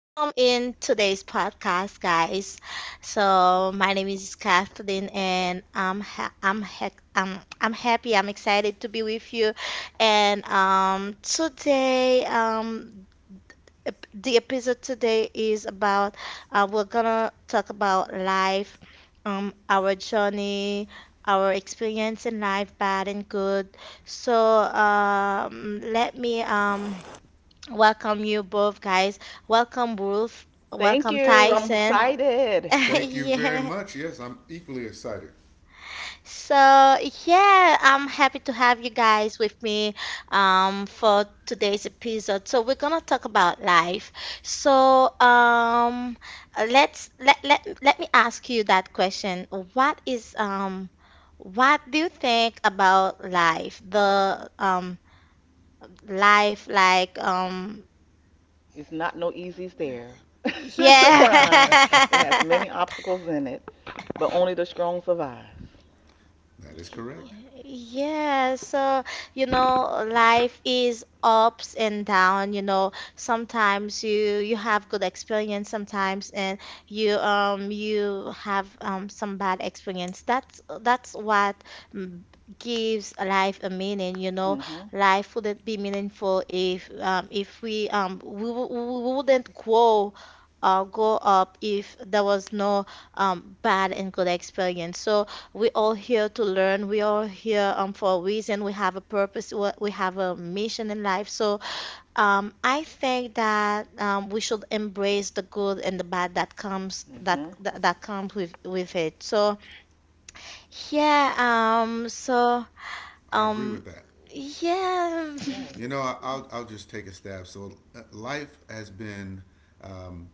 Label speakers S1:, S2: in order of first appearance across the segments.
S1: in today's podcast, guys. So, my name is Kathleen, and I'm happy. I'm excited to be with you. And today, the episode today is about. We're gonna talk about life, our journey, our experience in life, bad and good. So, let me welcome you both guys. Welcome Ruth.
S2: Thank
S1: Welcome
S2: you. I'm
S1: Tyson.
S2: excited.
S3: Thank you very
S1: Yeah.
S3: much. Yes, I'm equally excited.
S1: So yeah, I'm happy to have you guys with me for today's episode. So we're gonna talk about life. So let me ask you that question. What is what do you think about life? The life like
S2: It's not no easy stair to
S1: yeah.
S2: climb. It has many obstacles in it, but only the strong survive.
S3: That is correct.
S1: Y- Yes, so life is ups and down, Sometimes you have good experience sometimes and you you have some bad experience. That's what mm, gives life a meaning, you know.
S2: Mm-hmm.
S1: Life wouldn't be meaningful if we wouldn't grow go up if there was no bad and good experience. So we all here to learn. We all here for a reason. We have a purpose. We have a mission in life. So I think that we should embrace the good and the bad
S2: Mm-hmm.
S1: that comes with it. So yeah. So
S3: I agree
S1: um.
S3: with that.
S1: Yeah.
S2: Right.
S3: You know, I'll just take a stab. So life has been um,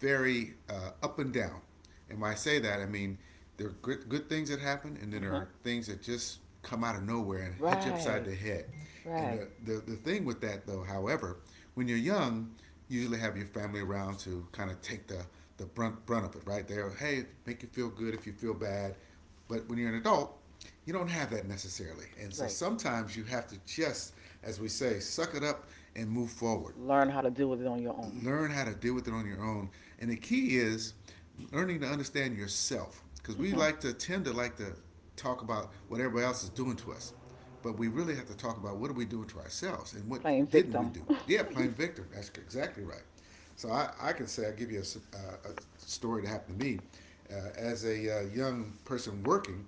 S3: very up and down, and when I say that, I mean there are good, good things that happen, and then there
S2: Mm-hmm.
S3: are things that just come out of nowhere and hit you upside
S2: Right.
S3: the head. And
S2: Right.
S3: the thing with that though, however, when you're young, you usually have your family around to kind of take the the brunt of it, right? They're hey, make you feel good if you feel bad. But when you're an adult, you don't have that necessarily. And so
S2: Right.
S3: sometimes you have to just, as we say, suck it up and move forward.
S2: Learn how to deal with it on your own.
S3: Learn how to deal with it on your own. And the key is learning to understand yourself. Because we
S2: Mm-hmm.
S3: like to tend to like to talk about what everybody else is doing to us. But we really have to talk about what are we doing to ourselves and what
S2: Playing
S3: didn't we
S2: victim.
S3: do? Yeah, playing victim. That's exactly right. So I can say, I'll give you a, a story that happened to me. As a young person working,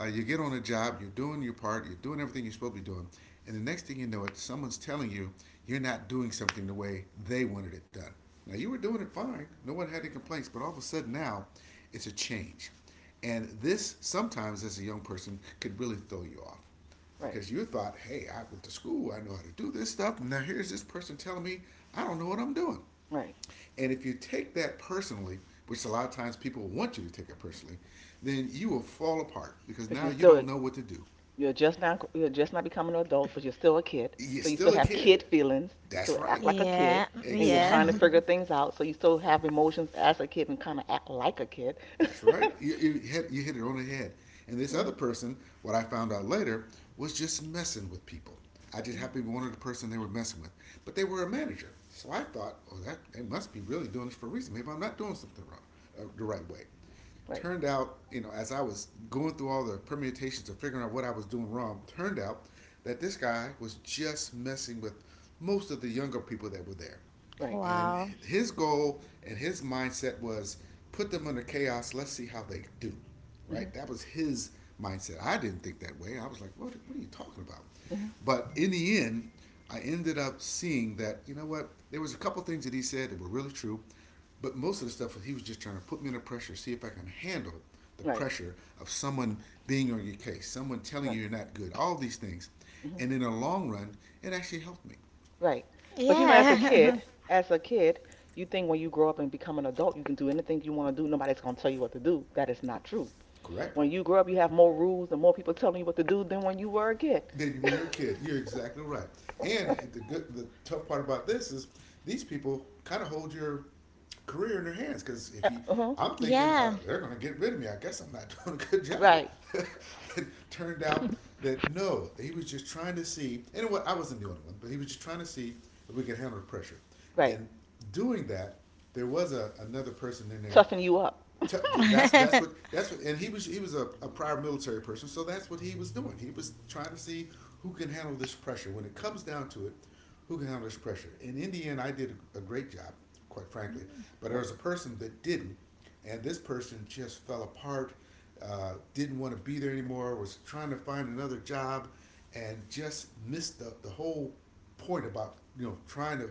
S3: you get on a job, you're doing your part, you're doing everything you're supposed to be doing, and the next thing you know, it someone's telling you you're not doing something the way they wanted it done. Now you were doing it fine, no one had any complaints, but all of a sudden now, it's a change, and this sometimes as a young person could really throw you off
S2: Right.
S3: because you thought, hey, I went to school, I know how to do this stuff. Now here's this person telling me I don't know what I'm doing.
S2: Right.
S3: And if you take that personally, which a lot of times people want you to take it personally, then you will fall apart because
S2: Because
S3: now
S2: you're
S3: you
S2: still.
S3: don't know what to do.
S2: You're just now you're just not becoming an adult, but you're still a kid.
S3: You're
S2: So you still
S3: still a
S2: have
S3: kid.
S2: kid feelings. You
S3: That's
S2: still
S3: right.
S2: act like a
S1: Yeah.
S2: kid, and you're
S1: Yeah.
S2: trying to
S3: Exactly.
S2: figure things out. So you still have emotions as a kid and kind of act like a kid.
S3: That's right. You, hit, you hit it on the head. And this
S2: Hmm.
S3: other person, what I found out later, was just messing with people. I just happened to be one of the person they were messing with. But they were a manager. So I thought, oh, that they must be really doing this for a reason. Maybe I'm not doing something wrong, the right way.
S2: Right,
S3: Turned out, you know, as I was going through all the permutations of figuring out what I was doing wrong, turned out that this guy was just messing with most of the younger people that were there.
S2: right.
S3: And
S1: Wow.
S3: his goal and his mindset was put them under chaos, let's see how they do.
S2: Hmm.
S3: Right? That was his mindset. I didn't think that way. I was like, what are you talking about?
S2: Hmm.
S3: But in the end, I ended up seeing that you know what? There was a couple things that he said that were really true, but most of the stuff he was just trying to put me under pressure, see if I can handle the
S2: Right,
S3: pressure of someone being on your case, someone telling
S2: right.
S3: you you're not good, all these things.
S2: Hmm.
S3: And in the long run, it actually helped me.
S2: Right. But you know,
S1: Yeah.
S2: as a kid, you think when you grow up and become an adult, you can do anything you want to do. Nobody's gonna tell you what to do. That is not true.
S3: Correct?
S2: When you grow up, you have more rules and more people telling you what to do than when you were a kid.
S3: Than when you're a kid. You're exactly right. And the good, the tough part about this is these people kind of hold your career in their hands because if you,
S2: Uh-huh.
S3: I'm thinking
S1: Yeah.
S3: they're going to get rid of me. I guess I'm not doing a good job.
S2: Right,
S3: it turned out that no, he was just trying to see. And what I wasn't the only one, but he was just trying to see if we could handle the pressure.
S2: right.
S3: And doing that, there was a, another person in there
S2: Toughen you up.
S3: T- that's that's what that's what, and he was a prior military person, so that's what he was doing. He was trying to see who can handle this pressure. When it comes down to it, who can handle this pressure? And in the end, I did a great job, quite frankly. But there
S2: Right,
S3: was a person that didn't, and this person just fell apart. Didn't want to be there anymore. Was trying to find another job, and just missed the whole point about you know trying to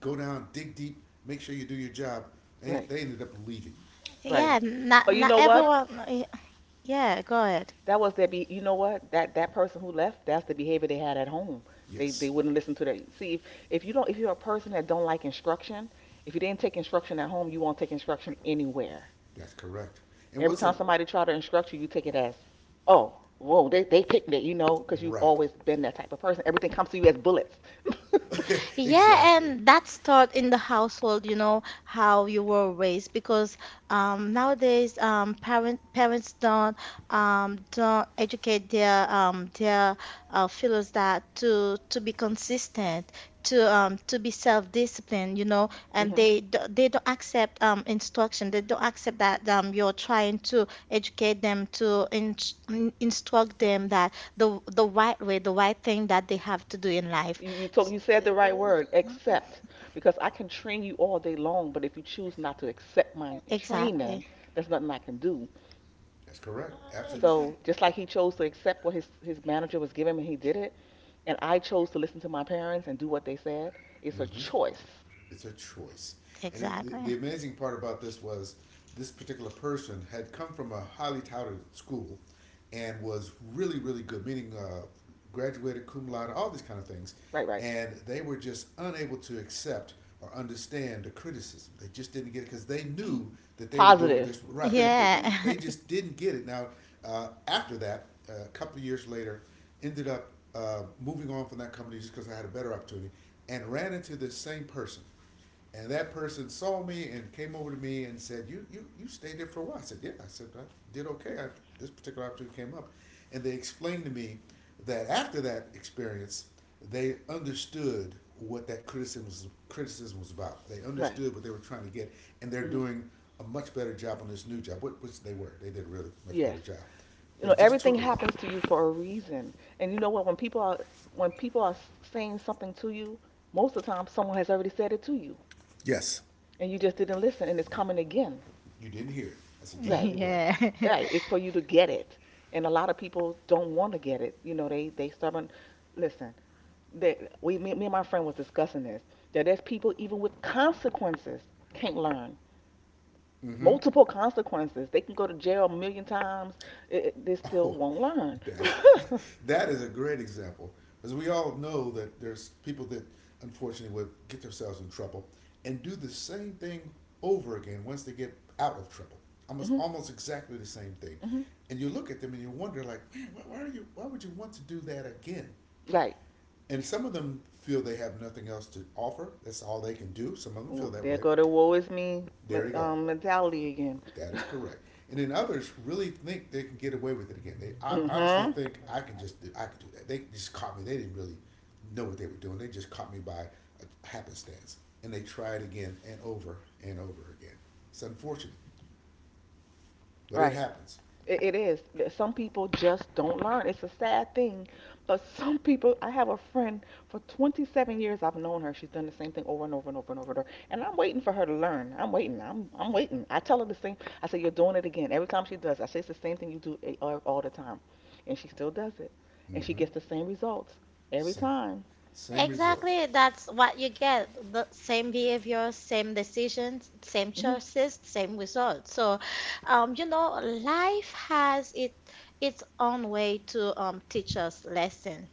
S3: go down, dig deep, make sure you do your job. And
S2: right,
S3: they ended up leaving.
S2: right.
S3: And
S1: Yeah. Not
S2: But you
S1: not
S2: know what?
S1: everyone. Yeah. Go ahead.
S2: That was their be. You know what? That person who left, that's the behavior they had at home. They
S3: yes,
S2: wouldn't listen to that. See, if you don't, if you're a person that don't like instruction, if you didn't take instruction at home, you won't take instruction anywhere.
S3: that's correct. And
S2: Every
S3: what's a
S2: time somebody try to instruct you, you take it as, oh, whoa, they picked it, you know, because you've
S3: right?
S2: always been that type of person. Everything comes to you as bullets.
S1: Yeah,
S3: exactly.
S1: and that's taught in the household, you know, how you were raised because nowadays, parents don't educate their fellows, that to be consistent, to be self-disciplined, you know, and
S2: Hmm.
S1: they do, they don't accept instruction. They don't accept that you're trying to educate them to instruct them that the right way, the right thing that they have to do in life.
S2: You took you said the right word, accept, because I can train you all day long, but if you choose not to accept my training,
S1: Exactly.
S2: there's nothing I can do.
S3: That's correct.
S1: Uh,
S3: Absolutely.
S1: exa-
S2: So just like he chose to accept what his manager was giving him, and he did it, and I chose to listen to my parents and do what they said. It's a
S3: Mm-hmm.
S2: choice,
S3: It's a choice. And it, the
S1: Exactly.
S3: amazing part about this was this particular person had come from a highly touted school and was really, really good, meaning graduated cum laude, all these kind of things.
S2: right? Right.
S3: And they were just unable to accept or understand the criticism. They just didn't get it because they knew that they were doing what they
S2: Positive
S3: were right.
S2: criticism,
S3: They
S1: Yeah.
S3: just didn't get it. Now, after that, a couple of years later, ended up moving on from that company just because I had a better opportunity and ran into this same person. And that person saw me and came over to me and said, "You stayed there for a while." I said, "Yeah." I said, "I did okay. I, this particular opportunity came up," and they explained to me that after that experience, they understood what that criticism was about. They
S2: right?
S3: understood what they were trying to get, and they're
S2: Hmm.
S3: doing a much better job on this new job, which they were. They did a really much
S2: Yes.
S3: better job,
S2: You
S3: but
S2: know
S3: it just
S2: everything
S3: took a while.
S2: happens to you for a reason, and you know what? When people are saying something to you, most of the time someone has already said it to you,
S3: Yes.
S2: and you just didn't listen and it's coming again.
S3: You didn't hear it. That's
S2: Right.
S3: exactly right.
S1: Yeah.
S2: Right. It's for you to get it, and a lot of people don't want to get it. You know, they stubborn. Listen, that me and my friend was discussing this, that there's people even with consequences can't learn.
S3: Mm-hmm.
S2: Multiple consequences, they can go to jail a million times. They still
S3: Oh,
S2: won't learn.
S3: that that is a great example, because we all know that there's people that unfortunately would get themselves in trouble and do the same thing over again once they get out of trouble. Almost
S2: Hmm.
S3: almost exactly the same thing,
S2: Hmm.
S3: and you look at them and you wonder like, man, why are you? Why would you want to do that again?
S2: Right.
S3: And some of them feel they have nothing else to offer. That's all they can do. Some of them
S2: Ooh,
S3: feel that
S2: there
S3: way.
S2: go the woe is me
S3: There you go.
S2: mentality again.
S3: That is correct. And then others really think they can get away with it again. They I honestly
S2: Hmm.
S3: think I can just do, I can do that. They just caught me. They didn't really know what they were doing. They just caught me by a happenstance, and they try it again and over again. It's unfortunate, but it
S2: Right.
S3: happens.
S2: It is. Some people just don't learn. It's a sad thing, but some people. I have a friend for 27 years. I've known her. She's done the same thing over and over and over and over and over. And I'm waiting for her to learn. I'm waiting. I'm waiting. I tell her the same. I say you're doing it again. Every time she does, I say it's the same thing you do all the time, and she still does it, and she
S3: Mm-hmm.
S2: gets the same results every
S3: Same
S2: time.
S3: same results.
S1: Exactly. That's what you get. The same behavior, same decisions, same
S2: Hmm.
S1: choices, same results. So, you know, life has it its own way to teach us lesson.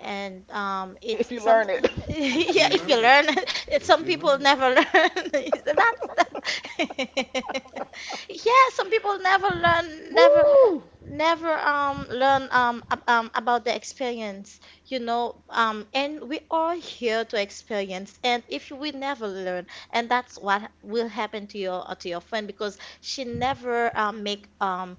S1: And
S2: If you
S1: it's some
S2: learn it.
S3: If you
S1: yeah. If
S3: learn
S1: you
S3: it,
S1: learn, it's
S3: if
S1: some
S3: you learn
S1: people
S3: it,
S1: never learn. That's that. Yeah, some people never learn, never.
S2: Woo!
S1: Never learn about the experience, you know. And we are here to experience, and if we never learn. And that's what will happen to your friend, because she never make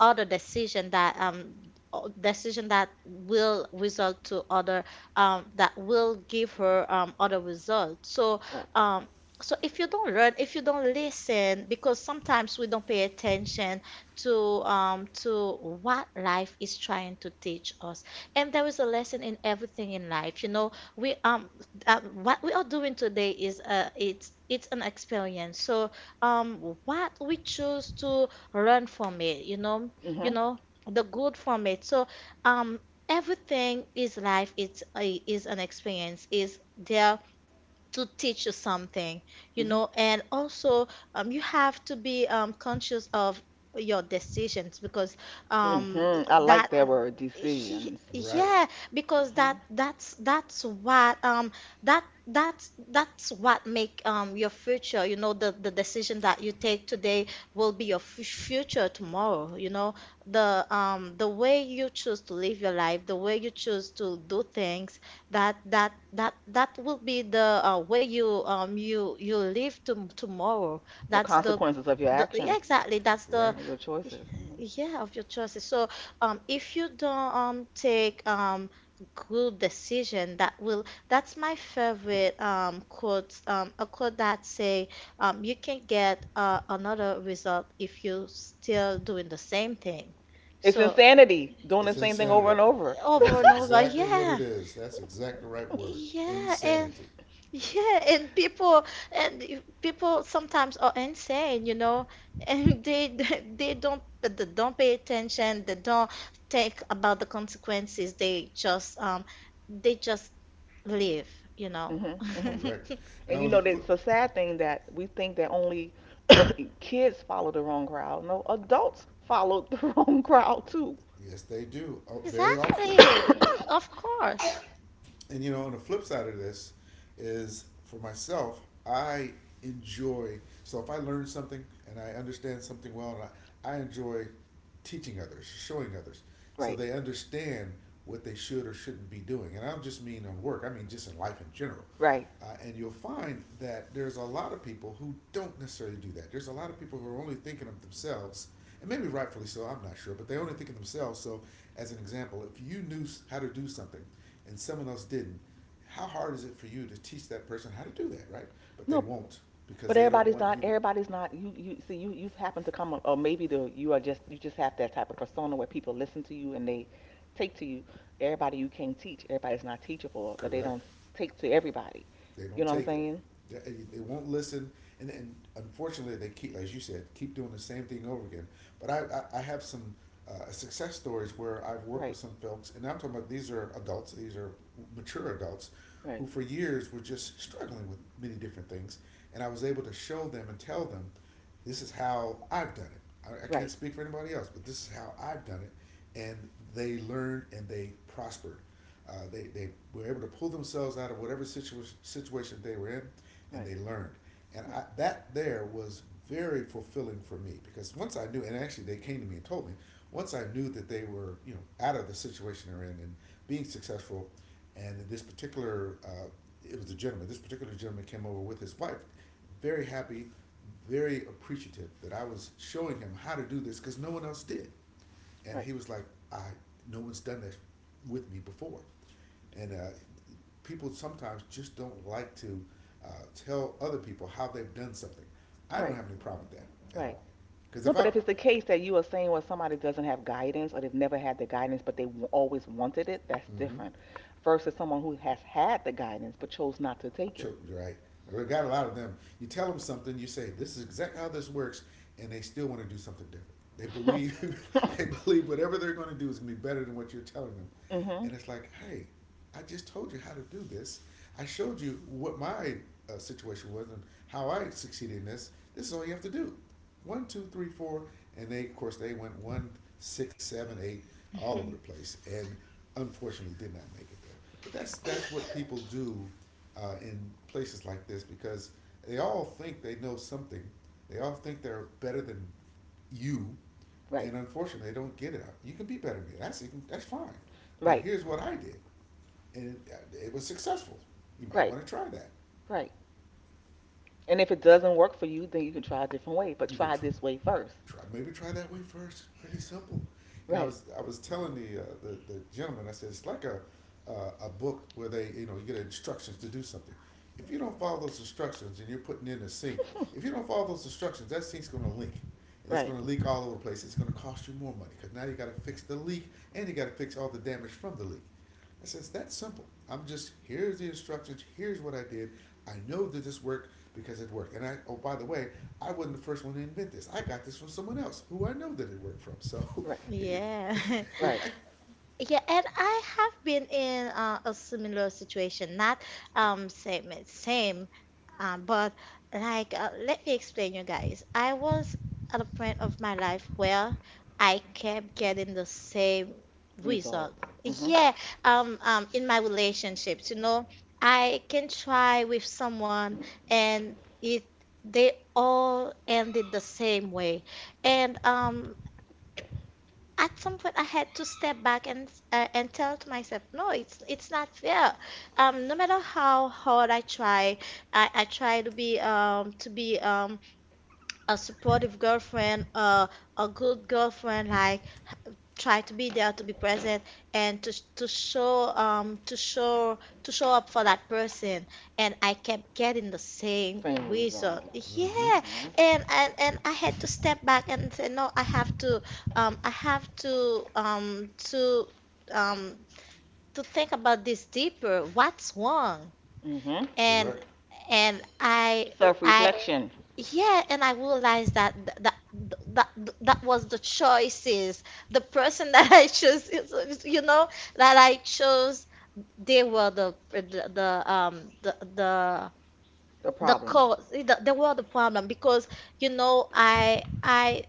S1: other decision that decision that will result to other that will give her other results. So
S2: Right.
S1: um so if you don't learn, if you don't listen, because sometimes we don't pay attention to um to what life is trying to teach us. And there is a lesson in everything in life, you know. We what we are doing today is it's an experience. So what we choose to learn from it, you know, you
S2: Mhm.
S1: know, the good from it. So, um, everything is life. Is an experience. Is there to teach you something, you
S2: Mhm.
S1: know. And also you have to be conscious of your decisions because um,
S2: Mhm. I
S1: that
S2: like that word, decisions.
S3: right?
S1: yeah, because that
S2: Mm-hmm.
S1: that's that's what that's what make your future, you know, the decision that you take today will be your f future tomorrow, you know, the way you choose to live your life, the way you choose to do things, that will be the way you you live to tomorrow.
S2: The
S1: That's
S2: consequences of your
S1: the yeah,
S2: actions
S1: exactly.
S3: That's
S1: That's the
S3: right.
S2: or your choices. Hmm.
S1: yeah, of your choices. So if you don't take good decision that will, that's my favorite quote, a quote that say you can get another result if you still doing the same thing.
S2: It's
S1: So
S2: insanity doing
S3: It's
S2: the same
S1: yeah,
S2: thing over
S3: insanity.
S2: and over.
S3: That's
S1: over and over,
S3: exactly what it
S1: yeah.
S3: is. That's exactly the right word.
S1: Yeah, and
S3: Insanity.
S1: yeah, and people and people sometimes are insane, you know, and they they don't pay attention, they don't think about the consequences. They just they just live, you
S2: Hmm.
S1: know.
S2: Hmm.
S3: Correct.
S2: And you
S3: Now, on
S2: know,
S3: the flip,
S2: it's a sad thing that we think that only kids follow the wrong crowd. No, adults follow the wrong crowd too.
S3: yes, they do very often.
S1: Exactly. Of course.
S3: And you know, on the flip side of this is for myself, I enjoy. So if I learn something and I understand something well, and I enjoy teaching others, showing others, so
S2: Right,
S3: they understand what they should or shouldn't be doing. And I don't just mean on work; I mean just in life in general.
S2: right.
S3: And you'll find that there's a lot of people who don't necessarily do that. There's a lot of people who are only thinking of themselves, and maybe rightfully so, I'm not sure, but they only think of themselves. So, as an example, if you knew how to do something and someone else didn't, how hard is it for you to teach that person how to do that, right? But they
S2: No,
S3: won't because
S2: but
S3: they don't
S2: everybody's
S3: want
S2: not.
S3: you to.
S2: Everybody's not. You see you've happened to come, or maybe the you are just you just have that type of persona where people listen to you and they take to you. Everybody you can't teach. Everybody's not teachable. Or they
S3: Correct.
S2: don't take to everybody.
S3: They
S2: You
S3: don't
S2: know what
S3: take
S2: I'm
S3: it.
S2: saying?
S3: They won't listen. And, unfortunately, they keep, as you said, keep doing the same thing over again. But I have some success stories where I've worked with
S2: Right.
S3: some folks, and I'm talking about these are adults, these are mature adults
S2: Right.
S3: who for years were just struggling with many different things. And I was able to show them and tell them this is how I've done it. I can't
S2: Right.
S3: speak for anybody else, but this is how I've done it. And they learned and they prospered. They were able to pull themselves out of whatever situation they were in and
S2: Right.
S3: they learned. And
S2: Right.
S3: I, that there was very fulfilling for me because once I knew, and actually they came to me and told me, once I knew that they were, you know, out of the situation they're in and being successful and this particular it was a gentleman. This particular gentleman came over with his wife, very happy, very appreciative that I was showing him how to do this because no one else did. And
S2: Right.
S3: he was like, "I no one's done that with me before," and people sometimes just don't like to tell other people how they've done something. I don't
S2: Right.
S3: have any problem with that at
S2: Right.
S3: all because
S2: No,
S3: if
S2: but
S3: I,
S2: if it's the case that you are saying well somebody doesn't have guidance or they've never had the guidance but they always wanted it, that's
S3: mm-hmm,
S2: different. Versus someone who has had the guidance but chose not to take it.
S3: children, right? We got a lot of them. You tell them something, you say, "This is exactly how this works," and they still want to do something different. They believe, they believe whatever they're going to do is going to be better than what you're telling them.
S2: Mhm.
S3: And it's like, hey, I just told you how to do this. I showed you what my situation was and how I succeeded in this. This is all you have to do. One, two, three, four, and they, of course, they went one, six, seven, eight, all over the place, and unfortunately, did not make it there. But that's what people do in places like this because they all think they know something. They all think they're better than you,
S2: Right.
S3: and unfortunately, they don't get it. Out. You can be better than me. That's even, that's fine. But
S2: Right,
S3: here's what I did, and it was successful. You might
S2: right,
S3: want to try that.
S2: right. And if it doesn't work for you, then you can try a different way, but
S3: You could
S2: try
S3: tr-
S2: this way first.
S3: Try, maybe try that way first. Pretty simple. And I
S2: Right,
S3: was I was telling the gentleman. I said it's like a book where they you get instructions to do something. If you don't follow those instructions and you're putting in a sink, if you don't follow those instructions, that sink's going to leak. And it's
S2: right,
S3: going to leak all over the place. It's going to cost you more money because now you got to fix the leak and you got to fix all the damage from the leak. I says, that's simple. I'm just, here's the instructions, here's what I did. I know that this worked because it worked. And I, oh, by the way, I wasn't the first one to invent this. I got this from someone else who I know that it worked from. So,
S2: right,
S1: Yeah.
S2: right.
S3: right?
S1: Yeah, and I have been in a similar situation, not same it's same, but like let me explain you guys. I was at a point of my life where I kept getting the same result.
S2: Results. Hmm.
S1: Yeah, in my relationships, you know, I can try with someone and it they all ended the same way, and at some point I had to step back and tell to myself, no, it's not fair. No matter how hard I try, I try to be a supportive girlfriend, a good girlfriend, like try to be there, to be present, and to show to show up for that person. And I kept getting the same
S2: Same
S1: result,
S2: results.
S3: Mm-hmm.
S1: yeah.
S2: Hmm.
S1: And and I had to step back and say no, I have to I have to um to think about this deeper, what's wrong.
S2: Hmm.
S1: and
S3: Correct.
S1: and
S2: Self
S1: I
S2: reflection,
S1: yeah, and I realized that that was the choices. The person that I chose, you know, that I chose, they were
S2: the
S1: the
S2: problem.
S1: cause. They were the problem. Because you know I I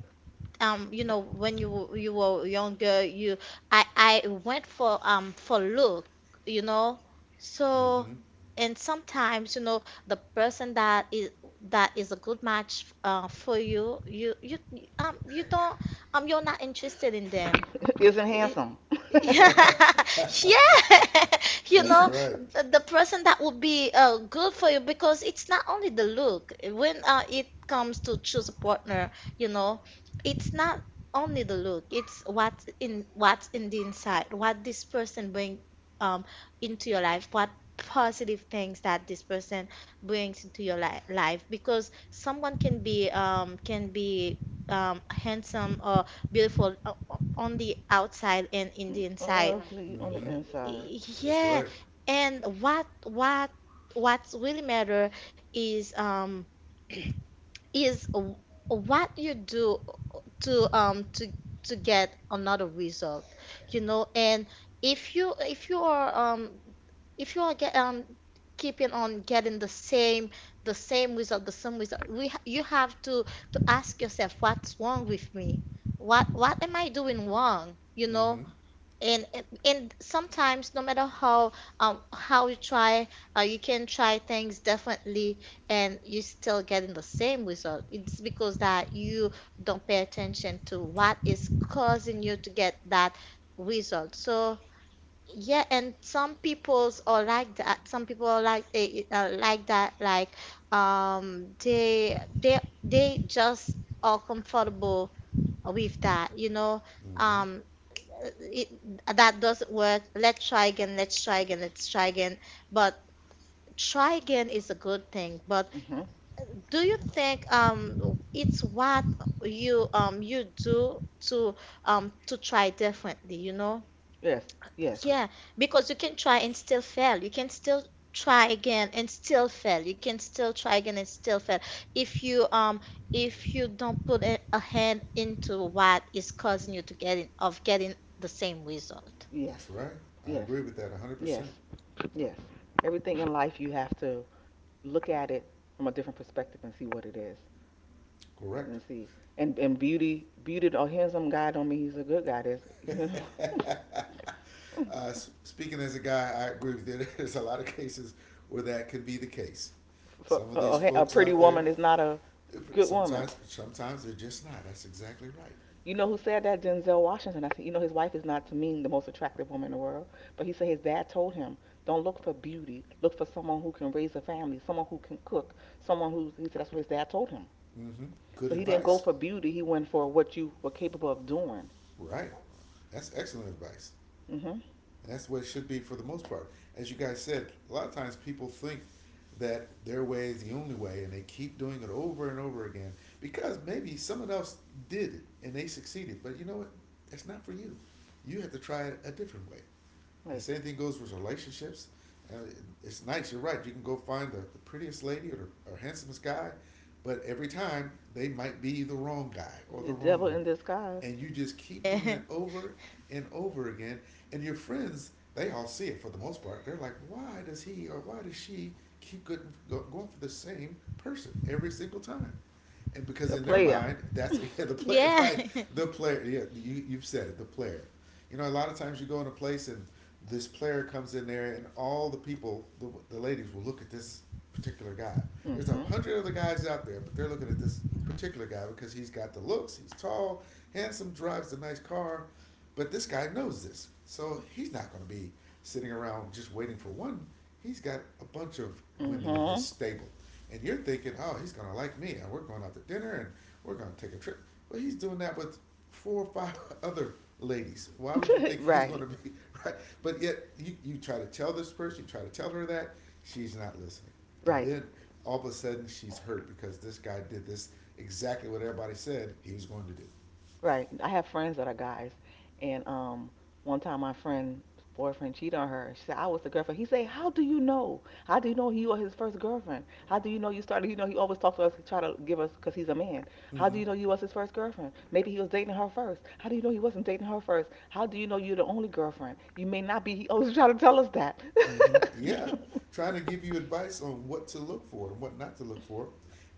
S1: you know, when you were younger, you I went for look, you know. So
S3: Mm-hmm.
S1: and sometimes, you know, the person that is a good match for you, you don't you're not interested in them.
S2: Isn't handsome.
S1: Yeah,
S3: Right.
S1: yeah, you
S3: That's
S1: know,
S3: right.
S1: the person that would be good for you, because it's not only the look. When it comes to choose a partner, you know, it's not only the look. It's what's in the inside, what this person bring um into your life, what positive things that this person brings into your li life. Because someone can be handsome or beautiful on the outside and in the inside.
S2: Ugly on the
S3: Mm-hmm.
S2: inside.
S3: That's
S1: Yeah,
S3: right.
S1: and what's really matter is is w- what you do to to get another result, you know. And if you are if you are get keeping on getting the same result, you have to ask yourself, what's wrong with me, what am I doing wrong, you know.
S3: Mm-hmm.
S1: And sometimes no matter how you try, you can try things differently and you still getting the same result. It's because that you don't pay attention to what is causing you to get that result. So yeah, and some people's are like that. Some people are like like that. Like um, they they they just are comfortable with that. You know,
S3: Mm-hmm.
S1: um, eh, it, that doesn't work. Let's try again. Let's try again. Let's try again. But try again is a good thing. But
S2: Hmm.
S1: do you think it's what you do to to try differently? You know?
S2: Yes,
S3: That's
S2: yes,
S3: cor-
S1: Yeah, because you can try and still fail. You can still try again and still fail. You can still try again and still fail. If you um if you don't put a hand into what is causing you to getting the same result.
S2: yes,
S3: That's right. I
S2: yes,
S3: agree with that
S2: yes,
S3: 100%.
S2: yes. Everything in life, you have to look at it from a different perspective and see what it is.
S3: Correct.
S2: Let's see. And beauty, beauty, or handsome guy don't mean he's a good guy. That's, you know,
S3: Uh, Speaking as a guy, I agree with you. There's a lot of cases where that could be the case.
S2: for
S3: Some of these
S2: a
S3: folks
S2: pretty
S3: out there,
S2: woman is not a good woman.
S3: sometimes, sometimes they're just not. That's exactly right.
S2: You know who said that? Denzel Washington. I said, you know, his wife is not to mean the most attractive woman in the world, but he said his dad told him, don't look for beauty. Look for someone who can raise a family, someone who can cook, someone who's. He said that's what his dad told him.
S3: mm hmm Good
S2: So he didn't go
S3: advice,
S2: for beauty. He went for what you were capable of doing.
S3: right? That's excellent advice,
S2: Mhm.
S3: and that's what it should be for the most part. As you guys said, a lot of times people think that their way is the only way, and they keep doing it over and over again because maybe someone else did it and they succeeded. But you know what? It's not for you. You have to try it a different way. And
S2: Right.
S3: same thing goes with relationships. Uh, it's nice. You're right. You can go find the prettiest lady or, the, or handsomest guy, but every time they might be the wrong guy or the
S2: The
S3: wrong
S2: devil in
S3: woman,
S2: disguise.
S3: and you just keep doing it
S1: Yeah.
S3: over and over again. And your friends, they all see it for the most part. They're like, why does he or why does she keep going for the same person every single time? And because
S2: The
S3: in their
S2: player.
S3: mind, that's yeah, the player,
S1: Yeah.
S3: right? The player, yeah, you, you've said it, the player. You know, a lot of times you go in a place and this player comes in there, and all the people, the ladies, will look at this particular guy. There's a
S2: Mhm.
S3: hundred other guys out there, but they're looking at this particular guy because he's got the looks, he's tall, handsome, drives a nice car, but this guy knows this, so he's not going to be sitting around just waiting for one. He's got a bunch of women in his
S2: Mhm.
S3: stable, and you're thinking, oh, he's going to like me, and we're going out to dinner, and we're going to take a trip. Well, he's doing that with four or five other ladies. Why would you think he's going
S2: Right,
S3: to be right? But yet you, you try to tell this person, you try to tell her that she's not listening, and
S2: right,
S3: then all of a sudden she's hurt because this guy did this exactly what everybody said he was going to do.
S2: right. I have friends that are guys, and one time my friend's boyfriend cheated on her. She said I was the girlfriend. He said, "How do you know? How do you know he was his first girlfriend? How do you know you started? You know he always talked to us, try to give us, cause he's a man. How do
S3: Mm-hmm.
S2: you know you was his first girlfriend? Maybe he was dating her first. How do you know he wasn't dating her first? How do you know you're the only girlfriend? You may not be. He always try to tell us that."
S3: Mm-hmm. Yeah, trying to give you advice on what to look for and what not to look for.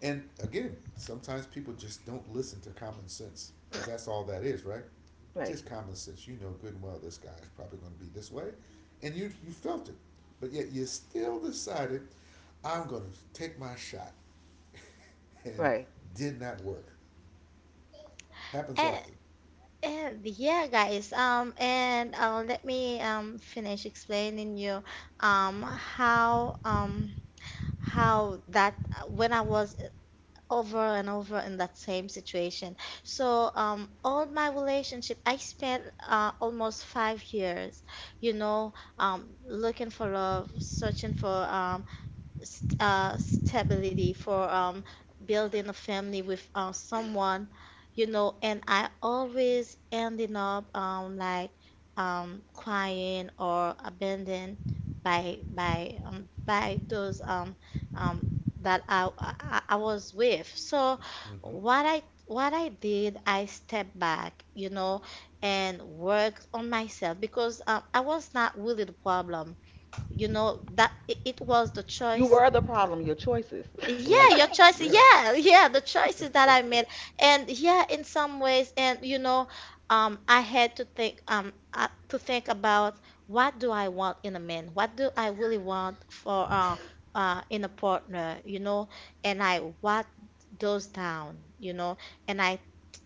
S3: And again, sometimes people just don't listen to common sense because that's all that is, right?
S2: Right,
S3: Just common sense. You know good and well this guy is probably going to be this way, and you felt it, but yet you still decided I'm going to take my shot, and
S2: right.
S3: did not work. Happens
S1: And,
S3: often.
S1: and yeah, guys. And let me finish explaining you um how um how that when I was over and over in that same situation. So, all my relationship, I spent almost 5 years, you know, looking for love, searching for stability, for building a family with someone, you know. And I always ending up like crying or abandoned by by those um, that I was with. So
S3: Mm-hmm.
S1: what I did, I stepped back, you know, and worked on myself, because I was not really the problem, you know, that it was the
S2: You
S1: choice.
S2: were the problem. Your choices.
S1: Yeah,
S3: Right.
S1: your choice.
S3: Yeah.
S1: Yeah, yeah, the choices that I made. And yeah, in some ways, and you know, I had to think about, what do I want in a man? What do I really want for, in a partner, you know? And I what those down, you know? And I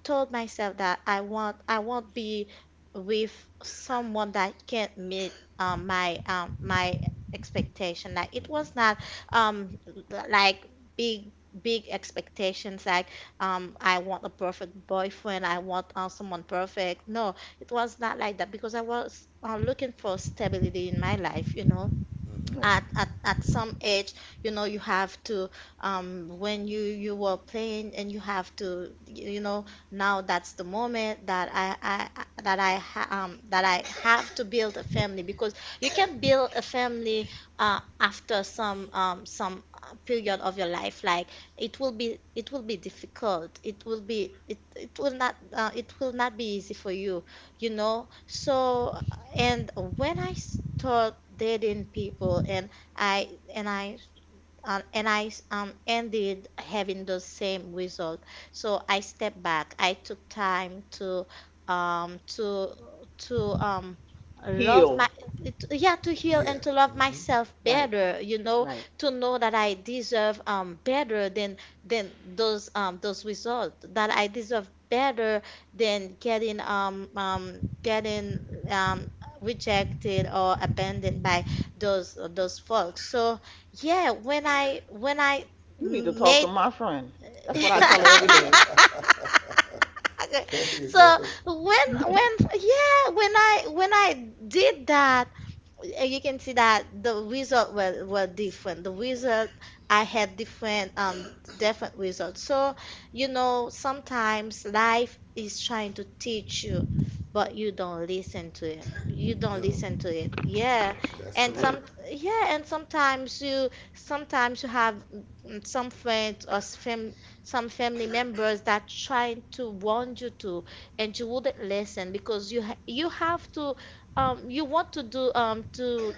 S1: told myself that I want, I won't be with someone that can't meet, my, my expectation. Like it
S3: Mm-hmm.
S1: was not like big big expectations, like I want a perfect boyfriend, I want someone perfect. No, it was not like that because I was looking for stability in my life, you know,
S3: Mm-hmm.
S2: Right.
S1: at at some age, you know, you have to when you were playing and you have to you you know now that's the moment that I- that I ha that I have to build a family because you can build a family after some period of your life. Like it will be difficult, it will be it it will not be easy for you, you know. So, and when I start dating people, and I and I and I ended having the same result. So I stepped back. I took time to um, to to um, love my
S2: Heal.
S1: it- Yeah, to heal
S3: Yeah.
S1: and to love
S3: Mm-hmm.
S1: myself
S2: Right,
S1: better. You know,
S2: right.
S1: to know that I deserve better than those results. That I deserve better than getting um, rejected or abandoned by those folks. So yeah, when I
S2: You need to talk
S1: made
S2: to my friend. That's what I tell her every day.
S3: There you
S1: so
S3: go.
S1: when
S2: Right.
S1: when yeah, when I when I did that, and you can see that the result were different. The result, I had different results. So you know, sometimes life is trying to teach you, but you don't listen to it. You don't
S3: No,
S1: listen to it. Yeah,
S3: that's
S1: and some
S3: correct.
S1: yeah, and sometimes you have some friends, or some family members that trying to warn you to, and you wouldn't listen because you have to you want to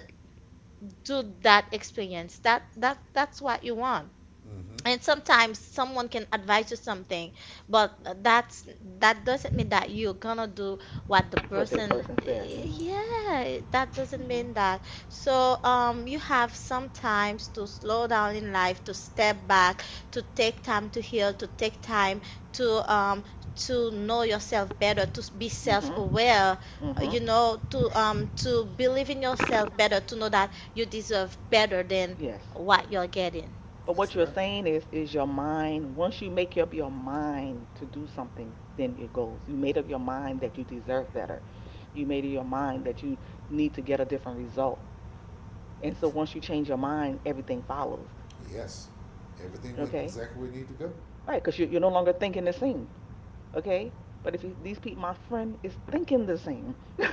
S1: do that experience, that that's what you want.
S3: Mm-hmm.
S1: And sometimes someone can advise you something, but that's that doesn't mean that you're gonna do what the
S2: What that person
S1: person.
S2: said. Mhm.
S1: Yeah, that doesn't
S2: Mhm.
S1: mean that. So you have sometimes to slow down in life, to step back, to take time to heal, to take time to um to know yourself better, to be
S2: Mhm.
S1: self-aware,
S2: Mhm.
S1: you know, to believe in yourself better, to know that you deserve better than
S2: Yes.
S1: what you're getting.
S2: But
S3: That's
S2: what you're
S3: right.
S2: saying is your mind. Once you make up your mind to do something, then it goes. You made up your mind that you deserve better. You made up your mind that you need to get a different result. And so once you change your mind, everything follows.
S3: Yes, everything went
S2: Okay.
S3: exactly where it needed to go.
S2: Right. Because you're no longer thinking the same. Okay? But if you, these people, my friend is thinking the same.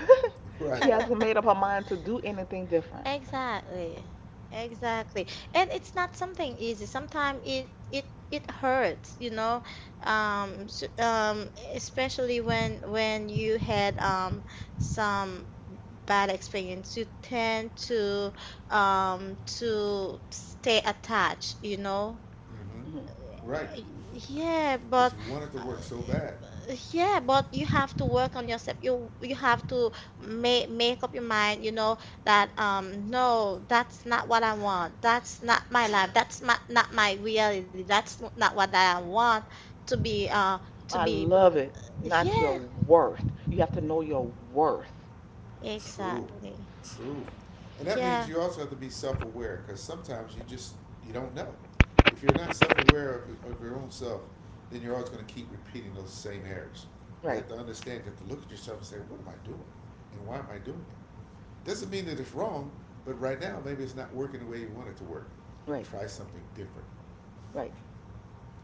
S2: She
S3: Right.
S2: hasn't made up her mind to do anything different.
S1: Exactly. Exactly. And it's not something easy. Sometimes it hurts, you know. S Especially when you had some bad experience, you tend to stay attached, you know.
S2: Mhm.
S3: Mm-hmm. Right.
S1: Eh, yeah, but
S3: Because you wanted to
S1: uh,
S3: work so bad.
S1: yeah, but you have to work on yourself. You have to make up your mind, you know, that no, that's not what I want. That's not my life. That's my, not my reality. That's not what I want to be to
S2: I
S1: be.
S2: love it. Not your
S1: Yeah,
S2: worth. You have to know your worth.
S3: True,
S1: exactly.
S3: true, and that means
S1: Yeah.
S3: you also have to be self-aware because sometimes you don't know. If you're not self-aware of your own self, then you're always going to keep repeating those same errors. You have
S2: Right,
S3: to understand. You have to look at yourself and say, "What am I doing? And why am I doing it?" Doesn't mean that it's wrong, but right now maybe it's not working the way you want it to work.
S2: right,
S3: Try something different.
S2: right.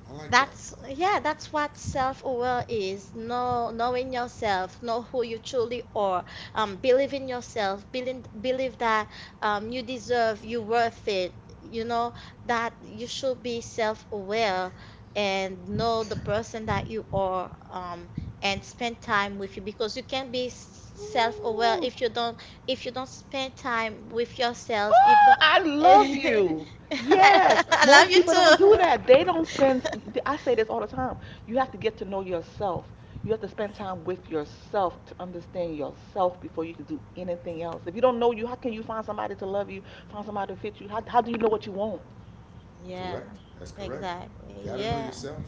S3: I like that.
S1: That's yeah, that's what self-aware is. Know, knowing yourself, know who you truly are. Believe in yourself. Believe that you deserve, you worth it. You know that you should be self-aware and know the person that you are. And spend time with you because you can't be self-aware
S2: Ooh.
S1: if you don't, if you don't spend time with yourself. If
S2: Oh,
S1: don't,
S2: I love you.
S1: I
S2: Yes,
S1: I love
S2: most
S1: you
S2: people
S1: too.
S2: don't do that. They don't spend. I say this all the time. You have to get to know yourself. You have to spend time with yourself to understand yourself before you can do anything else. If you don't know you, how can you find somebody to love you, find somebody to fit you? How do you know what you want?
S1: Yeah,
S3: Correct. That's correct.
S1: exactly.
S3: You got to know
S1: Yeah,
S3: yourself,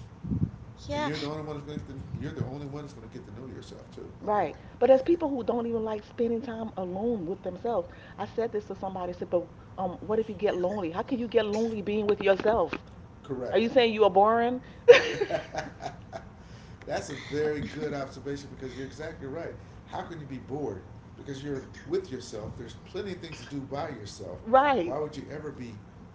S3: and
S1: yeah,
S3: you're the only one that's going to. You're the only one that's going to get to know yourself too. By the
S2: Right. But there's
S3: way.
S2: people who don't even like spending time alone with themselves. I said this to somebody, I said, but what if you get lonely? How can you get lonely being with yourself? Are
S3: Correct.
S2: you saying you are boring?
S3: That's a very good observation because you're exactly right. How can you be bored? Because you're with yourself. There's plenty of things to do by yourself.
S2: Right.
S3: Why would you ever be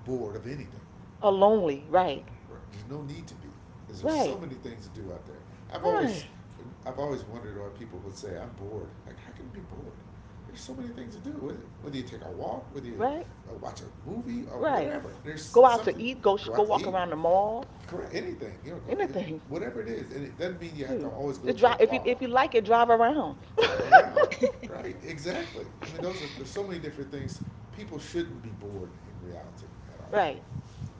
S3: bored of anything?
S2: A lonely, right,
S3: Right. There's no need to be. Because there's so
S2: right,
S3: many things to do out there. I've always,
S2: right,
S3: I've always wondered why people would say I'm bored. Like how can you be bored? There's so many things to do. Whether you take a walk, whether you
S2: right,
S3: watch a movie or
S2: right.
S3: whatever. There's
S2: Go out to
S3: something.
S2: eat. Go
S3: Go
S2: go
S3: out to
S2: walk
S3: eat.
S2: around the mall.
S3: Correct. Anything. You know, it,
S2: Anything.
S3: whatever it is, and it doesn't mean you have to
S2: Shoot.
S3: always go
S2: Just
S3: to
S2: drive.
S3: a bar.
S2: If you like it, drive around.
S3: Drive around. Right. Exactly. I mean, those are there's so many different things. People shouldn't be bored in reality at all.
S2: Right.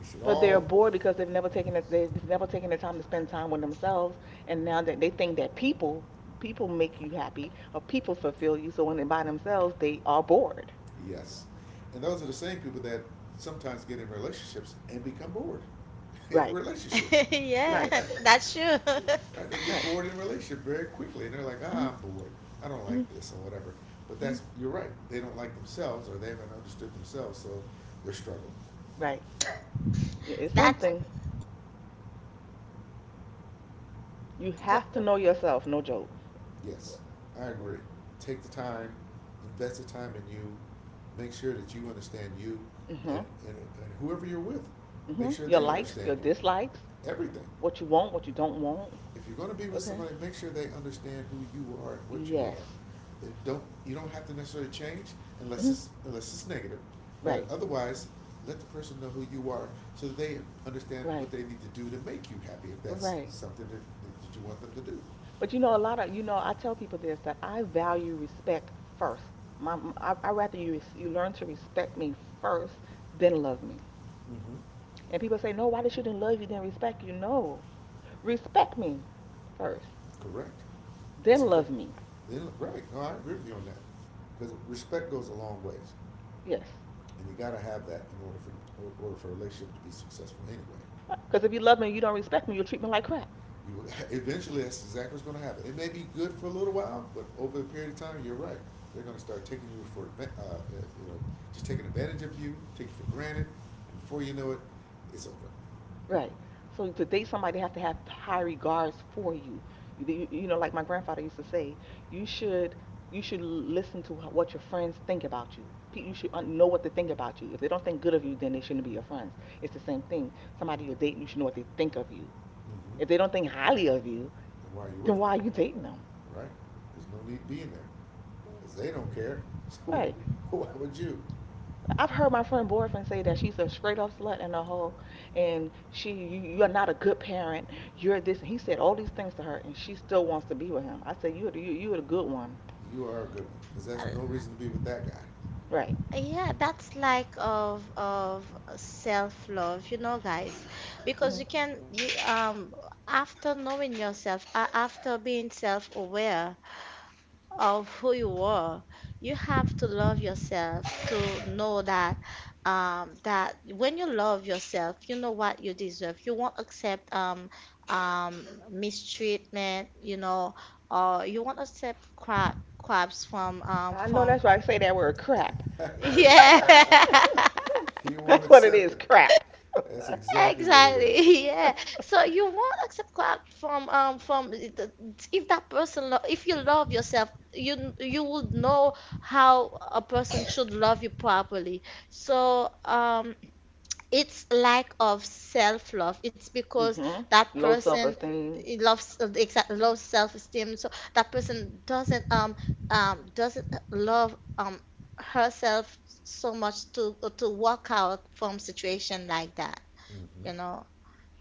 S3: We should
S2: But they're
S3: all
S2: bored because they've never taken it. They've never taken the time to spend time with themselves. And now that they think that people people make you happy or people fulfill you, so when they're by themselves, they are bored.
S3: yes. And those are the same people that sometimes get in relationships and become bored in the
S2: Right.
S3: relationship.
S1: yeah.
S2: Right.
S1: That's true.
S3: Right? They get
S2: Right.
S3: bored in a relationship very quickly and they're like, ah,
S2: Hmm.
S3: I'm bored. I don't like
S2: Hmm.
S3: this or whatever. But that's,
S2: Hmm.
S3: you're right. They don't like themselves or they haven't understood themselves, so they're struggling.
S2: Right. It's
S1: That's
S2: something you
S1: go-
S2: have to know yourself. No joke.
S3: Yes, I agree. Take the time, invest the time in you, make sure that you understand you
S2: Hmm.
S3: and whoever you're with. Make
S2: Hmm.
S3: sure
S2: Your
S3: they
S2: likes,
S3: understand
S2: your
S3: you.
S2: dislikes,
S3: Everything.
S2: what you want, what you don't want.
S3: If you're going to be with
S2: Okay.
S3: somebody, make sure they understand who you are and what you are.
S2: Yes.
S3: It don't you don't have to necessarily change unless
S2: Hmm.
S3: it's unless it's negative, but
S2: Right.
S3: otherwise, let the person know who you are so that they understand
S2: Right.
S3: what they need to do to make you happy if that's
S2: Right.
S3: something that, that you want them to do.
S2: But you know, a lot of you know, I tell people this that I value respect first. My, I rather you you learn to respect me first than love me.
S3: Mm-hmm.
S2: And people say, no, why they shouldn't love you then respect you? No, respect me first,
S3: Correct. That's
S2: then
S3: exactly.
S2: love me.
S3: Then right. No, I agree with you on that because respect goes a long ways,
S2: Yes.
S3: and you got to have that in order for a relationship to be successful anyway.
S2: Because if you love me, you don't respect me, you'll treat me like crap.
S3: You, eventually, that's exactly what's going to happen. It may be good for a little while, but over a period of time, you're right. They're going to start taking you for uh, uh, you know just taking advantage of you, take you for granted. And before you know it, it's over.
S2: Right. So to date somebody, they have to have high regards for you. You know, like my grandfather used to say, you should you should listen to what your friends think about you. You should know what they think about you. If they don't think good of you, then they shouldn't be your friends. It's the same thing. Somebody you're dating, you should know what they think of you.
S3: Mm-hmm.
S2: If they don't think highly of you,
S3: And why are you with
S2: then
S3: them,
S2: why are you dating them?
S3: right? There's no need being there because they don't care. So
S2: Right.
S3: why would you?
S2: I've heard my friend boyfriend say that she's a straight up slut and a hoe, and she you're not a good parent. You're this. And he said all these things to her, and she still wants to be with him. I said you're the good one,
S3: You are a good one because that's no
S1: uh,
S3: reason to be with that guy.
S2: right?
S1: yeah. That's like of self love, you know, guys, because you
S2: Hmm.
S1: can you after knowing yourself, after being self aware, of who you are. You have to love yourself to know that that when you love yourself, you know what you deserve. You won't accept mistreatment, you know, or you won't accept craps
S2: I know
S1: from
S2: that's why I say that word crap.
S1: yeah.
S3: You won't
S2: That's what it
S3: accept
S2: is,
S3: it.
S2: crap.
S3: That's exactly what it is.
S1: Exactly, yeah. So you won't accept crap from if that person lo, if you love yourself, you would know how a person should love you properly. So it's lack of self-love. It's because
S2: Hmm.
S1: that
S2: Low self
S1: person
S2: esteem,
S1: it loves exact loves self-esteem. So that person doesn't love herself so much to walk out from situation like that,
S3: Mm-hmm.
S1: you know.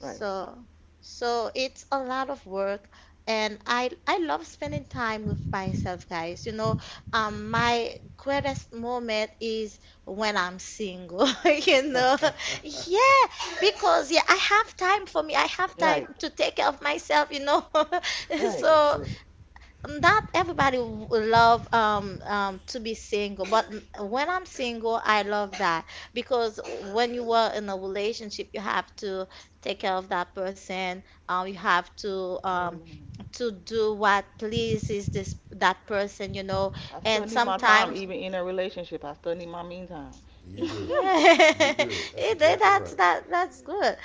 S2: right?
S1: so it's a lot of work, and I love spending time with myself, guys. You know, my greatest moment is when I'm single, you know.
S3: That's
S1: Yeah, because yeah, I have time for me. I have time
S2: Right?
S1: to take care of myself, you know.
S2: Right?
S1: So
S3: right.
S1: not everybody w- love to be single, but when I'm single, I love that because when you are in a relationship, you have to take care of that person. You have
S2: Oh no.
S1: to do what pleases this that person, you know.
S2: I
S1: And
S2: still need my time,
S1: sometimes
S2: even in a relationship. I still need my mean time.
S3: You do.
S1: yeah,
S3: You do. That's
S1: it,
S3: exactly right.
S1: that's good.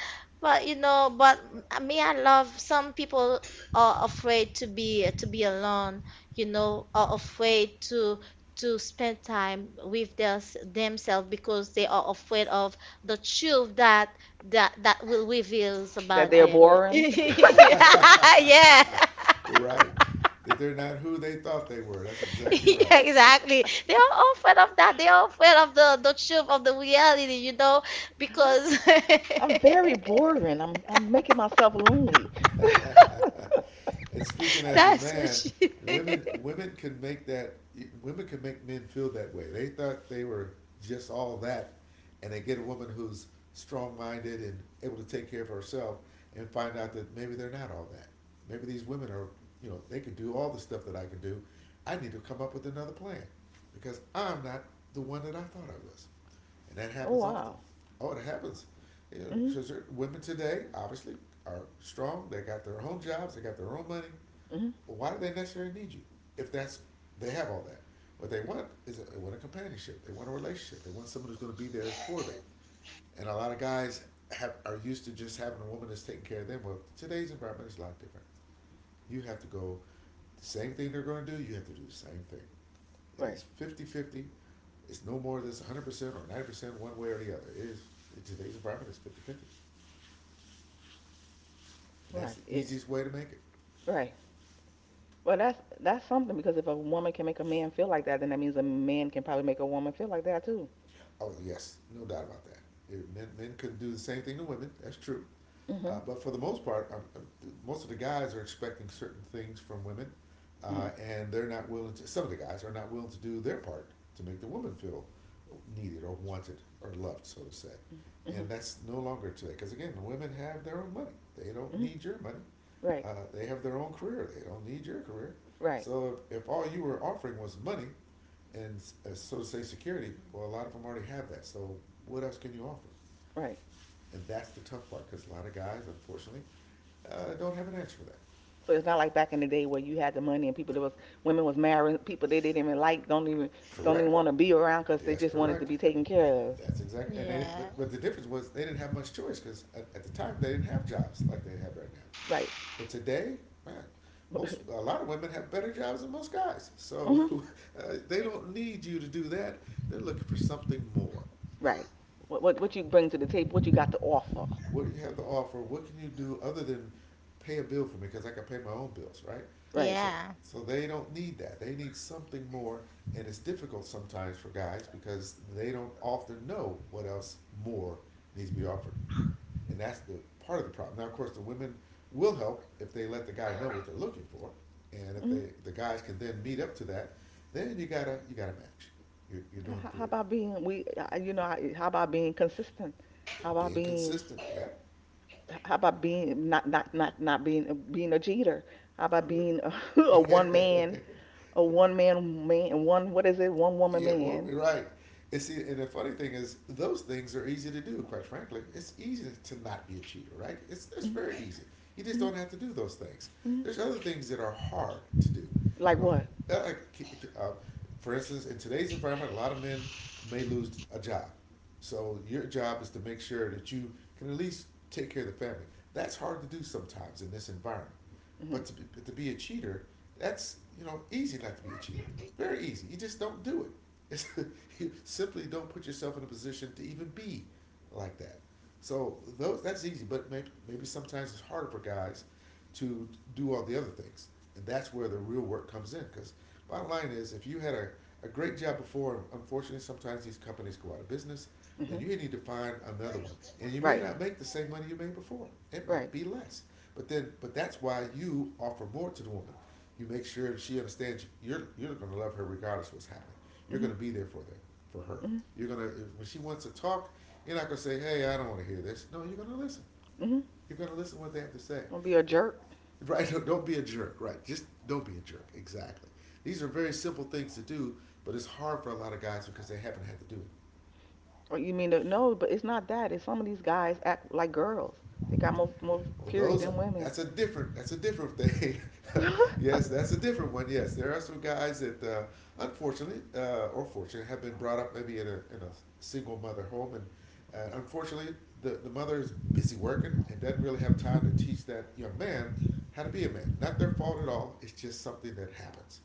S1: But you know, but me, I love, some people are afraid to be alone, you know, are afraid to spend time with their, themselves because they are afraid of the truth that that will reveals
S2: That
S1: about
S2: they're
S1: them.
S2: boring.
S1: Yeah,
S3: Right. That they're not who they thought they were. That's exactly right.
S1: yeah, exactly. They are all afraid of that. They are afraid of the truth of the reality, you know, because
S2: I'm very boring. I'm making myself lonely.
S3: And speaking as a
S1: that's what
S3: man,
S1: she.
S3: women women can make that women can make men feel that way. They thought they were just all that, and they get a woman who's strong minded and able to take care of herself, and find out that maybe they're not all that. Maybe these women are, you know, they can do all the stuff that I can do. I need to come up with another plan because I'm not the one that I thought I was and that
S2: Oh
S3: happens often.
S2: wow.
S3: Oh, it happens. You know,
S2: Hmm.
S3: because women today obviously are strong. They got their own jobs. They got their own money.
S2: Hmm.
S3: But why do they necessarily need you if that's they have all that? What they want is a, They want a companionship. They want a relationship. They want someone who's going to be there for them. And a lot of guys have are used to just having a woman that's taking care of them. Well, today's environment is a lot different. You have to go the same thing they're going to do. You have to do the same thing. It
S2: Right.
S3: is 50-50. It's no more than 100% or 90% one way or the other. It is, in today's environment, it's 50 50. And that's
S2: Right.
S3: the
S2: Yeah.
S3: easiest way to make it.
S2: Right. Well, that's something, because if a woman can make a man feel like that, then that means a man can probably make a woman feel like that too.
S3: Oh, yes, no doubt about that. Men couldn't do the same thing to women. That's true.
S2: Mhm.
S3: But for the most part, most of the guys are expecting certain things from women,
S2: Mhm.
S3: and they're not willing to. Some of the guys are not willing to do their part to make the woman feel needed or wanted or loved, so to say. And
S2: Mhm.
S3: that's no longer today, because again, the women have their own money. They don't
S2: Mhm.
S3: need your money.
S2: Right.
S3: They have their own career. They don't need your career.
S2: Right.
S3: So if all you were offering was money, and so to say security, well, a lot of them already have that. So what else can you offer?
S2: Right.
S3: And that's the tough part, because a lot of guys, unfortunately, don't have an answer for that.
S2: So it's not like back in the day where you had the money and people that was women was marrying people they didn't even like, don't even
S3: Correct.
S2: want to be around because they
S3: That's
S2: just wanted to
S3: correct.
S2: be taken care of.
S3: That's exact. And they,
S1: Yeah.
S3: but, but the difference was they didn't have much choice because at the time they didn't have jobs like they have right now.
S2: Right.
S3: But today, man, most a lot of women have better jobs than most guys. So
S2: Mhm.
S3: they don't need you to do that. They're looking for something more.
S2: Right. What you bring to the table, what you got to offer.
S3: What do you have to offer? What can you do other than pay a bill for me? Because I can pay my own bills, right?
S2: Right.
S3: So,
S1: Yeah.
S3: so they don't need that. They need something more, and it's difficult sometimes for guys because they don't often know what else more needs to be offered, and that's the part of the problem. Now, of course, the women will help if they let the guy know what they're looking for, and if
S2: Mhm.
S3: the guys can then meet up to that, then you gotta match. You're doing
S2: How
S3: good.
S2: about being we how about being consistent? How about
S3: Being
S2: being
S3: consistent. Yep.
S2: how about being not being a cheater? How about
S3: Cool.
S2: being a, a one man man one what is it one woman
S3: Yeah, well,
S2: man?
S3: right. And see, and the funny thing is, those things are easy to do. Quite frankly, it's easy to not be a cheater, right? It's
S2: Mhm,
S3: very easy. You just
S2: mhm,
S3: don't have to do those things.
S2: mhm.
S3: There's other things that are hard to do.
S2: Like
S3: You know,
S2: what?
S3: like, for instance, in today's environment, a lot of men may lose a job. So your job is to make sure that you can at least take care of the family. That's hard to do sometimes in this environment.
S2: Mhm.
S3: But to be a cheater, that's easy not to be a cheater. Very easy. You just don't do it. It's, you simply don't put yourself in a position to even be like that. So those that's easy, but maybe sometimes it's harder for guys to do all the other things, and that's where the real work comes in. Because bottom line is, if you had a great job before, unfortunately, sometimes these companies go out of business. Then
S2: Mhm.
S3: you need to find another one. And you may
S2: Right.
S3: not make the same money you made before. It might
S2: Right.
S3: be less. But then, but that's why you offer more to the woman. You make sure she understands you're going to love her regardless of what's happening. You're going
S2: Mhm.
S3: to be there for that for her.
S2: Mhm.
S3: You're going to when she wants to talk, you're not going to say, "Hey, I don't want to hear this." No, you're going to listen.
S2: Mhm.
S3: You're going to listen to what they have to say.
S2: Don't be a
S3: And,
S2: jerk.
S3: right? Don't be a jerk. Right? Just don't be a jerk. Exactly. These are very simple things to do, but it's hard for a lot of guys because they haven't had to do it.
S2: Or you mean the, no? But it's not that. It's some of these guys act like girls. They got more
S3: Well,
S2: period
S3: those
S2: than women.
S3: that's a different thing.
S2: I
S3: Yes, that's a different one. Yes, there are some guys that unfortunately or fortunately have been brought up maybe in a single mother home, and unfortunately the mother is busy working and doesn't really have time to teach that young man how to be a man. Not their fault at all. It's just something that happens.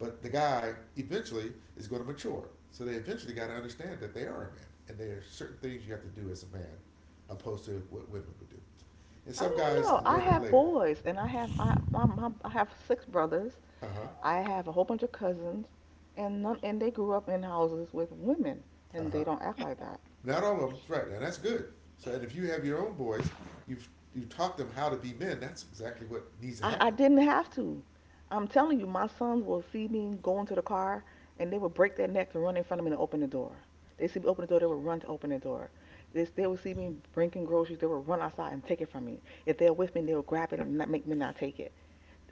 S3: But the guy eventually is going to mature. So they eventually got to understand that they are a man. And there are certain things you have to do as a man, opposed to what women would do. And some
S2: don't
S3: guys
S2: know. I
S3: learn it
S2: have
S3: later.
S2: boys, and I have my, my my I have six brothers.
S3: Uh huh.
S2: I have a whole bunch of cousins, and none and they grew up in houses with women,
S3: Uh
S2: and they
S3: huh.
S2: don't act like that.
S3: Not all of them, right? And that's good. So, and if you have your own boys, you've you taught them how to be men. That's exactly what needs to
S2: I
S3: happen.
S2: didn't have to. I'm telling you, my sons will see me go into the car and they would break their neck to run in front of me and open the door. They see me open the door, they would run to open the door. They would see me bringing groceries, they would run outside and take it from me. If they're with me, they would grab it and not make me not take it.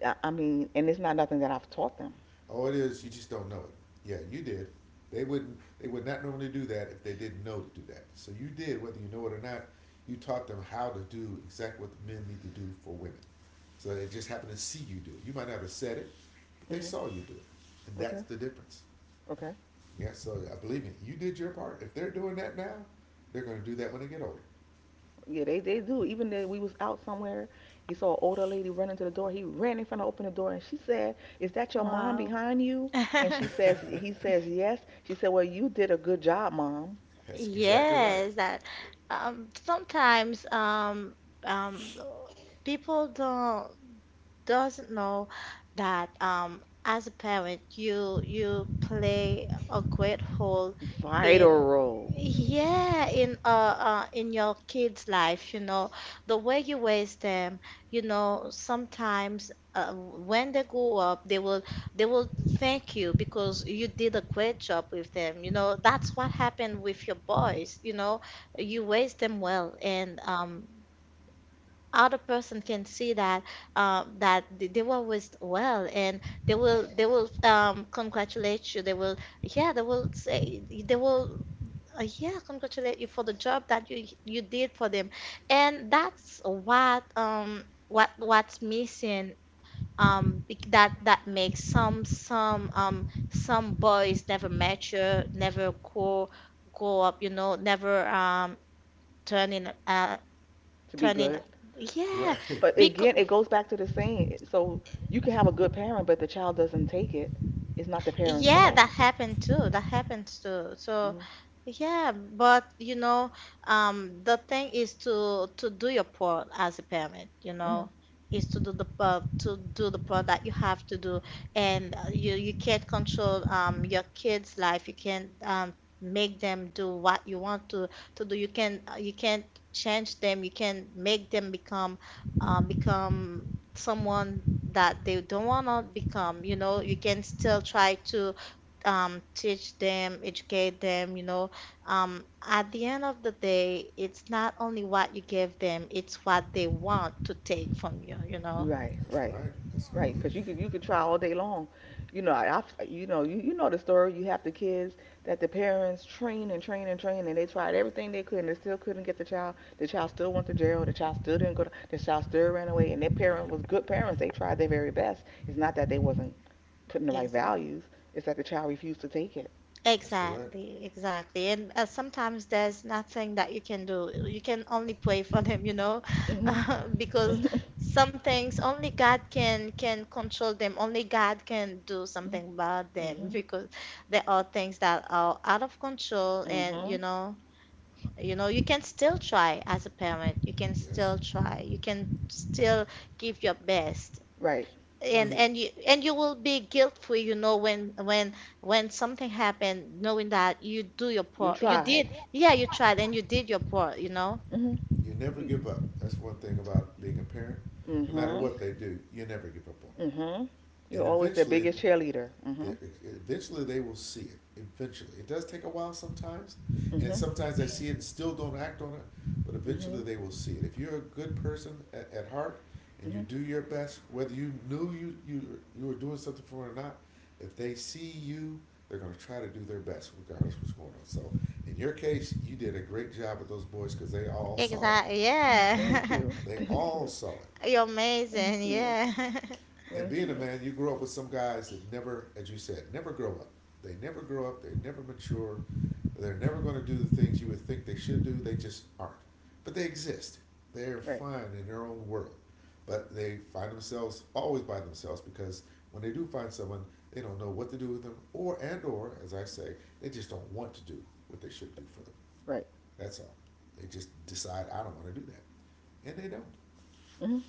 S2: I mean, and it's not nothing that I've taught them.
S3: All it is, you just don't know it. Yeah, you did. They wouldn't. They would not normally do that if they didn't know to do that. So you did, whether you know it or not. You taught them how to do exactly what the men need to do for women. So they just happened to see you do it. You might not have said it, but they
S2: Hmm.
S3: saw you do it, and that's
S2: Okay.
S3: the difference.
S2: Okay.
S3: Yeah. So I believe me, you did your part. If they're doing that now, they're going to do that when they get older.
S2: Yeah, they do. Even though we was out somewhere, he saw an older lady running to the door. He ran in front of open the door, and she said, "Is that your mom
S1: Wow.
S2: behind you?" And she says, he says, "Yes." She said, "Well, you did a good job, mom.
S3: That's exactly right.
S1: Yes, that sometimes um people don't doesn't know that as a parent you you play a great role
S2: Yeah. Vital
S1: in,
S2: role
S1: yeah, in your kids' life, you know, the way you raise them, you know, sometimes when they grow up, they will thank you because you did a great job with them. You know, that's what happened with your boys, you know, you raised them well, and other person can see that that they were raised well, and they will congratulate you. They will, yeah, they will say they will yeah, congratulate you for the job that you did for them. And that's what what's missing that that makes some some boys never mature, never grow up, you know, never turning
S2: to be
S1: turning,
S2: good."
S1: yeah,
S3: Right.
S2: But
S1: because
S2: again, it goes back to the same. So you can have a good parent, but the child doesn't take it. It's not the parent's
S1: yeah,
S2: fault.
S1: that happened too. That happened too. So,
S2: Hmm.
S1: yeah, but you know, the thing is to do your part as a parent. You know,
S2: Hmm.
S1: is to do the part to do the part that you have to do, and you you can't control your kids' life. You can't make them do what you want to do. You can you can't change them. You can make them become become someone that they don't want to become, you know, you can still try to teach them, educate them, you know. At the end of the day, it's not only what you give them, it's what they want to take from you, you know.
S2: Right,
S3: That's
S2: right.
S3: right.
S2: Right, because you could try all day long. You know, I you know you, you know the story. You have the kids that the parents train and train and train, and they tried everything they could, and they still couldn't get the child. The child still went to jail. The child still didn't go. The child still ran away, and their parent was good parents. They tried their very best. It's not that they wasn't putting the right
S1: Exactly.
S2: values. It's that the child refused to take it.
S3: That's correct.
S1: Exactly, exactly. And sometimes there's nothing that you can do. You can only pray for them, you know,
S2: Mhm.
S1: because
S2: Mhm.
S1: some things only God can control them. Only God can do
S2: Mhm.
S1: something about them
S2: Mhm.
S1: because there are things that are out of control, and
S2: Mhm.
S1: you know, you know, you can still try as a parent. You can
S3: Yes.
S1: still try. You can still give your best,
S2: Right.
S3: Well, you,
S1: and you, and you will be guilt free, you know, when something happened knowing that you do your
S2: You
S1: part, you
S2: tried.
S1: did, yeah, you tried and you did your part, you know.
S2: Mhm.
S3: You never
S2: You.
S3: give up. That's one thing about being a parent. No matter
S2: Mhm.
S3: what they do, you never give up on it.
S2: Mhm. You're
S3: And
S2: always their
S3: eventually,
S2: biggest cheerleader. Mhm,
S3: eventually they will see it. Eventually, it does take a while sometimes, and
S2: mhm.
S3: sometimes they see it and still don't act on it. But eventually,
S2: Hmm.
S3: they will see it. If you're a good person at heart and you do
S2: Hmm.
S3: your best, whether you knew you were doing something for it or not, if they see you, they're going to try to do their best regardless of what's going on. So, in your case, you did a great job with those boys because they all saw it.
S1: Exactly.
S2: Thank
S1: Yeah.
S2: you.
S3: They
S2: Thank
S3: all
S2: you.
S3: saw it.
S1: You're amazing.
S2: Thank you.
S1: Yeah.
S3: And
S2: Thank
S3: being a
S2: you.
S3: man, you grow up with some guys that never, as you said, never grow up. They never grow up. They never mature. They're never going to do the things you would think they should do. They just aren't. But they exist. They're
S2: Right.
S3: fine in their own world. But they find themselves always by themselves because when they do find someone, they don't know what to do with them, or and or, as I say, they just don't want to do what they should do for them.
S2: Right.
S3: That's all. They just decide I don't want to do that, and they don't.
S2: Hmm.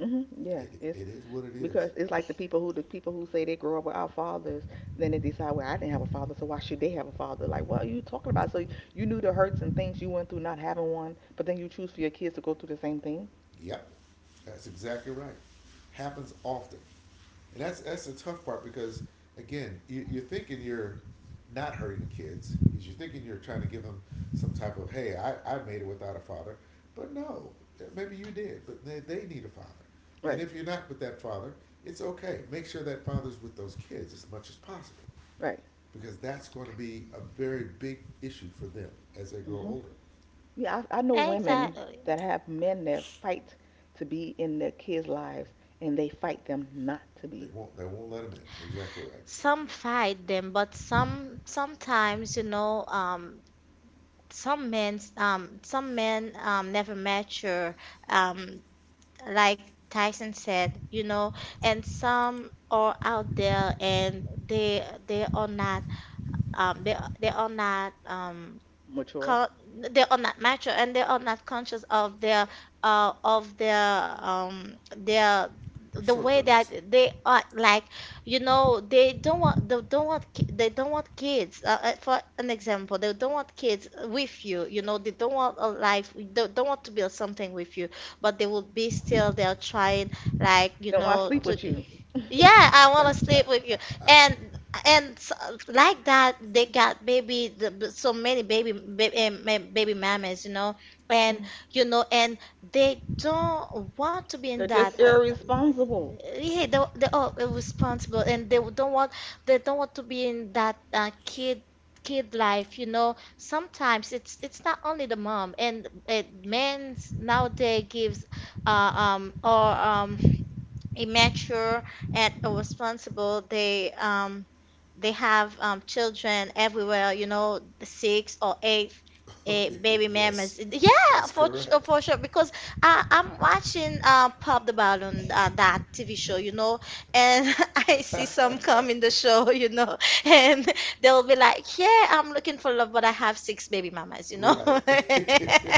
S2: Hmm. Yeah.
S3: It,
S2: It's
S3: it is what it is.
S2: because it's like the people who say they grow up without fathers, then they decide, well, I didn't have a father, so why should they have a father? Like, what are you talking about? So you knew the hurts and things you went through not having one, but then you choose for your kids to go through the same thing.
S3: Yep, that's exactly right. Happens often, and that's the tough part because again, you're thinking you're not hurting the kids. Is you're thinking you're trying to give them some type of hey, I made it without a father, but no, maybe you did, but they need a father. And
S2: Right.
S3: if you're not with that father, it's okay. Make sure that father's with those kids as much as possible
S2: Right.
S3: because that's going to be a very big issue for them as they grow
S2: Hmm.
S3: older.
S2: Yeah. I know women
S1: Exactly.
S2: that have men that fight to be in their kids' lives, and they fight them not to
S3: They
S2: be
S3: won't they won't let them in. Exactly right.
S1: Some fight them, but some sometimes, you know, some men never mature. Um, like Tyson said, you know, and some are out there and they are not they they are not
S2: mature.
S1: co- they are not mature, and they are not conscious of their their, the way that
S3: Shortcomings.
S1: they are, like, you know, they don't want, they don't want they don't want kids, for an example, they don't want kids with you, you know, they don't want a life, they don't want to build something with you, but they will be still they're trying, like, you
S2: Then why
S1: know,
S2: sleep
S1: to
S2: with you?
S1: yeah, I want to sleep with you. And and s- like that, they got baby so many baby mamas, and you know, and they don't want to be in
S2: They're
S1: that.
S2: just irresponsible.
S1: Yeah, they are responsible, and they don't want to be in that kid life, you know. Sometimes it's not only the mom, and uh, men nowadays gives or a mature and a responsible. They have children everywhere. You know, the six or eight. Eh, baby
S3: Yes,
S1: mamas, yeah,
S3: that's correct.
S1: for sure. Because I, I'm watching Pop the Balloon, that TV show, you know, and I see some come in the show, you know, and they'll be like, "Yeah, I'm looking for love, but I have six baby mamas," you know.
S3: Right.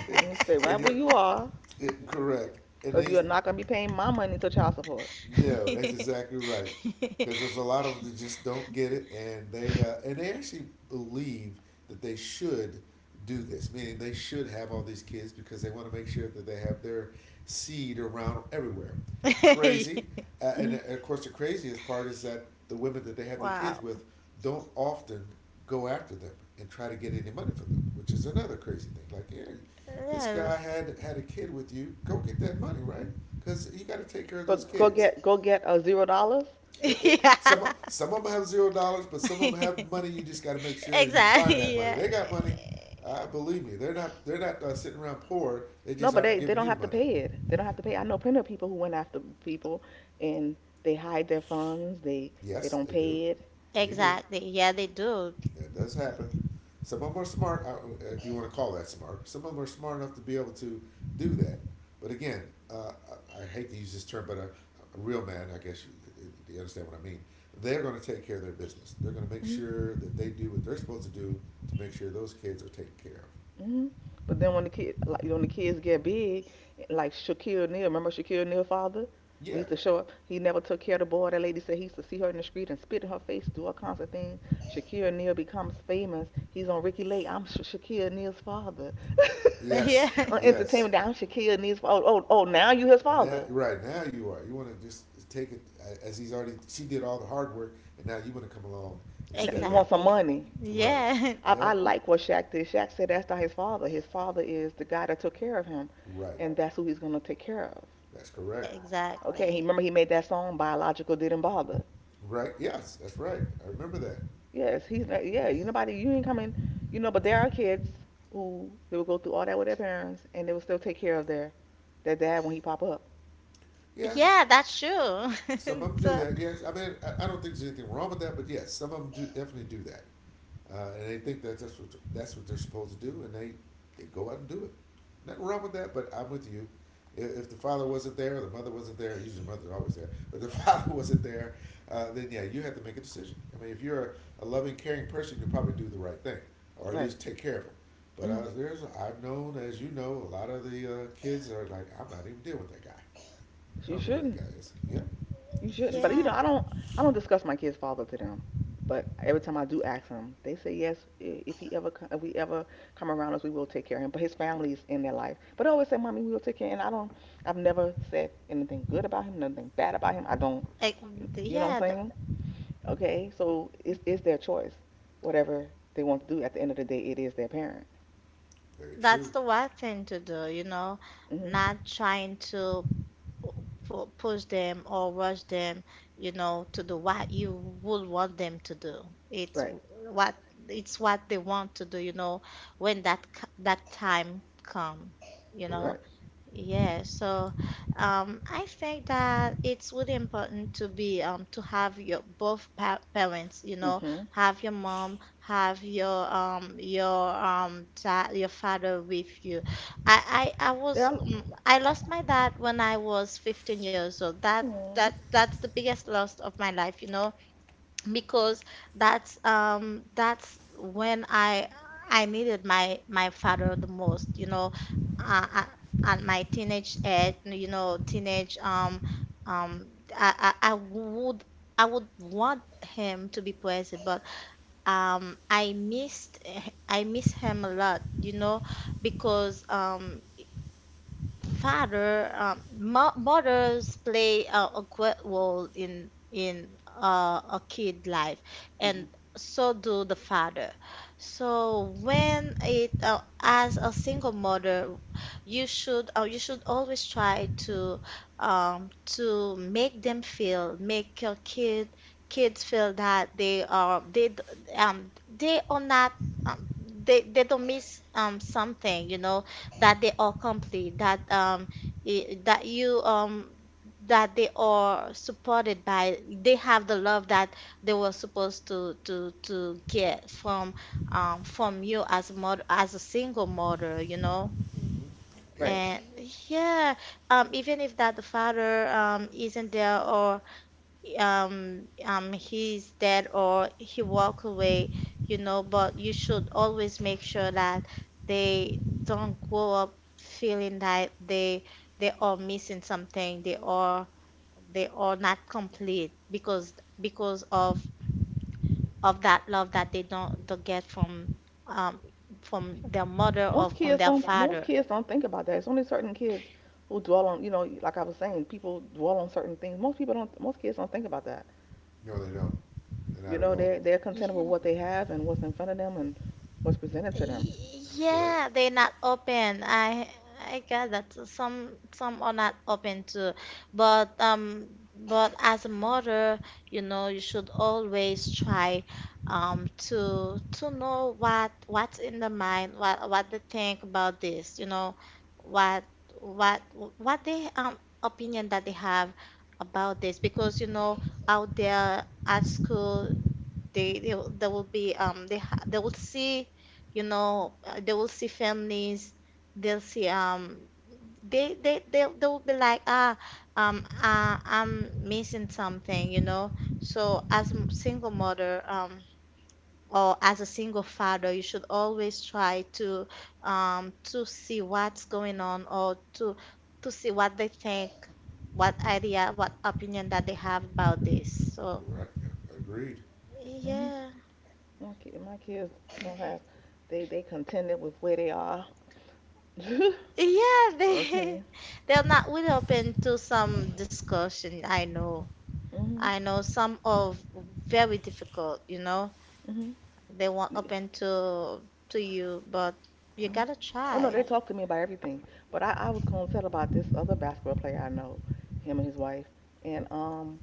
S2: You stay right
S3: And
S2: where
S3: you're
S2: you are,
S3: it, correct. And
S2: because
S3: they
S2: you are not gonna be paying my money to child support.
S3: no, that's exactly right. Because there's a lot of them that just don't get it, and they actually believe that they should do this, meaning they should have all these kids because they want to make sure that they have their seed around everywhere. Crazy, and
S2: Mhm.
S3: of course the craziest part is that the women that they have the kids
S1: Wow.
S3: with don't often go after them and try to get any money for them, which is another crazy thing. Like, yeah, this
S1: Yeah,
S3: guy had a kid with you, go get that money, right? Because you got to take care of
S2: Go
S3: those
S2: go
S3: kids.
S2: get go get a $0.
S3: Some
S1: yeah.
S3: some of them have $0, but some of them have money. You just got to make sure you find
S1: Exactly.
S3: that money.
S1: Yeah.
S3: They got money. Believe me, they're not sitting around poor. They
S2: No,
S3: just
S2: but
S3: aren't
S2: they
S3: giving
S2: don't
S3: you the
S2: have to
S3: money.
S2: pay it. They don't have to pay. I know plenty of people who went after people, and they hide their funds. They
S3: Yes,
S2: don't
S3: they do.
S2: pay it.
S3: They do.
S1: Exactly. Yeah, they do.
S3: That does happen. Some of them are smart, if you want to call that smart. Some of them are smart enough to be able to do that. But again, uh, I hate to use this term, but a real man, I guess you understand what I mean. They're going to take care of their business. They're going to make
S2: Mhm.
S3: sure that they do what they're supposed to do to make sure those kids are taken care of.
S2: Hmm. But then when the kids get big, like Shaquille O'Neal, remember Shaquille O'Neal's father? When he
S3: Yeah.
S2: used to show up, he never took care of the boy. That lady said he used to see her in the street and spit in her face, do all kinds of things. Shaquille O'Neal becomes famous. He's on Ricky Lake. I'm Shaquille O'Neal's father.
S1: Yeah.
S3: Yes.
S2: On
S3: Yes.
S2: entertainment, I'm Shaquille O'Neal's father. Oh, oh, oh, now you his
S3: Now,
S2: father.
S3: right now you are. You want to just take it as he's already. She did all the hard work, and now you want to come along and
S2: Now you
S3: step in.
S2: want some
S1: Exactly.
S2: money.
S3: Right.
S1: Yeah.
S2: I
S3: That
S2: like what Shaq did. Shaq said that's not his father. His father is the guy that took care of him,
S3: right.
S2: and that's who he's gonna take care of.
S3: That's correct.
S2: Okay, he
S1: Exactly.
S2: remember he made that song "Biological Didn't Bother."
S3: Right? Yes, that's right. I remember that.
S2: Yes, he's not. Yeah, you nobody. You ain't coming. You know, but there are kids who they will go through all that with their parents, and they will still take care of their dad when he pop up.
S3: Yes,
S1: Yeah, that's true.
S3: some of them do
S1: So,
S3: that. Yes, I mean, I don't think there's anything wrong with that, but yes, some of them do definitely do that. And they think that that's what they're supposed to do, they go out and do it. Nothing wrong with that, but I'm with you. If the father wasn't there, or the mother wasn't there, usually the mother's always there, but the father wasn't there, then yeah, you have to make a decision. I mean, if you're a loving, caring person, you'll probably do the right thing, or at
S2: Right.
S3: least take care of them. But
S2: Hmm.
S3: I've known, as you know, a lot of the kids are like, I'm not even dealing with that guy. I
S2: You
S3: don't know who that guy
S2: shouldn't.
S3: is. Yeah,
S2: You
S3: that's
S2: shouldn't. But
S3: true.
S2: you
S1: yeah.
S2: know, I don't. I don't discuss my kid's father to them. But every time I do ask them, they say yes. If we ever come around us, we will take care of him. But his family is in their life. But they always say, "Mommy, we will take care." And I don't. I've never said anything good about him, nothing bad about him. I don't.
S1: Like, th-
S2: You know what
S1: yeah,
S2: I'm
S1: th-
S2: saying? Okay, so it's their choice, whatever they want to do. At the end of the day, it is their parent.
S3: Very
S1: that's
S3: true.
S1: the right thing to do, you know,
S2: Hmm.
S1: not trying to push them or rush them, you know, to do what you would want them to do. It's
S2: Right,
S1: what it's what they want to do, you know, when that time come, you know.
S2: right.
S3: Correct.
S1: Yeah, so I think that it's really important to be to have your both pa parents, you know,
S2: Hmm.
S1: have your mom, have your dad, your father with you. I, I, I
S2: There
S1: was
S2: are.
S1: mm, I lost my dad when I was 15 years old. That
S2: Mm.
S1: that that's the biggest loss of my life, you know, because that's when I needed my father the most, you know, uh, uh, at my teenage age, you know, teenage um I, I I would I would want him to be present, but um I missed I miss him a lot, you know, because mothers play a great role in a kid life, and
S2: Hmm.
S1: so do the father. So when it as a single mother, you should always try to make them feel, make your kids feel that they are they d- they are not um, they they don't miss something, you know, that they are complete, that I- that you that they are supported, by they have the love that they were supposed to get from you as a mother, as a single mother, you know.
S3: Mm-hmm. Yeah.
S2: Right.
S1: And yeah, even if that the father isn't there, or he's dead, or he walk away, you know, but you should always make sure that they don't grow up feeling that they are missing something, they are not complete because of that love that they don't get um from
S2: Sure.
S1: their mother or
S2: Most
S1: from
S2: kids
S1: their
S2: don't. Most
S1: father.
S2: kids don't think about that. It's only certain kids who dwell on. You know, like I was saying, people dwell on certain things. Most people don't. Most kids don't think about that.
S3: No, they don't. They're
S2: You
S3: not at
S2: know,
S3: all.
S2: they're content
S1: Yeah.
S2: with what they have and what's in front of them and what's presented to them.
S1: Y-
S3: That's correct.
S1: Yeah, they're not open. I got that. Some are not open too. But um but as a mother, you know, you should always try to know what's in the mind, what they think about this, you know, what what they opinion that they have about this, because you know out there at school they will be they will see, you know, they will see families. They'll see they will be like, I'm missing something, you know. So as a single mother or as a single father, you should always try to see what's going on, or to see what they think, what idea, what opinion that they have about this. So
S3: Right. Agreed.
S2: Hmm.
S1: yeah.
S2: My kids don't have. They contented with where they are.
S1: Yeah,
S2: Okay.
S1: they they're not really open to some discussion. I know.
S2: Mhm.
S1: I know some of very difficult, you know.
S2: Mhm.
S1: They weren't
S2: Mhm.
S1: open to you, but you gotta
S2: Oh no, they
S1: try.
S2: talk to me about everything. But I was gonna tell about this other basketball player I know, him and his wife, and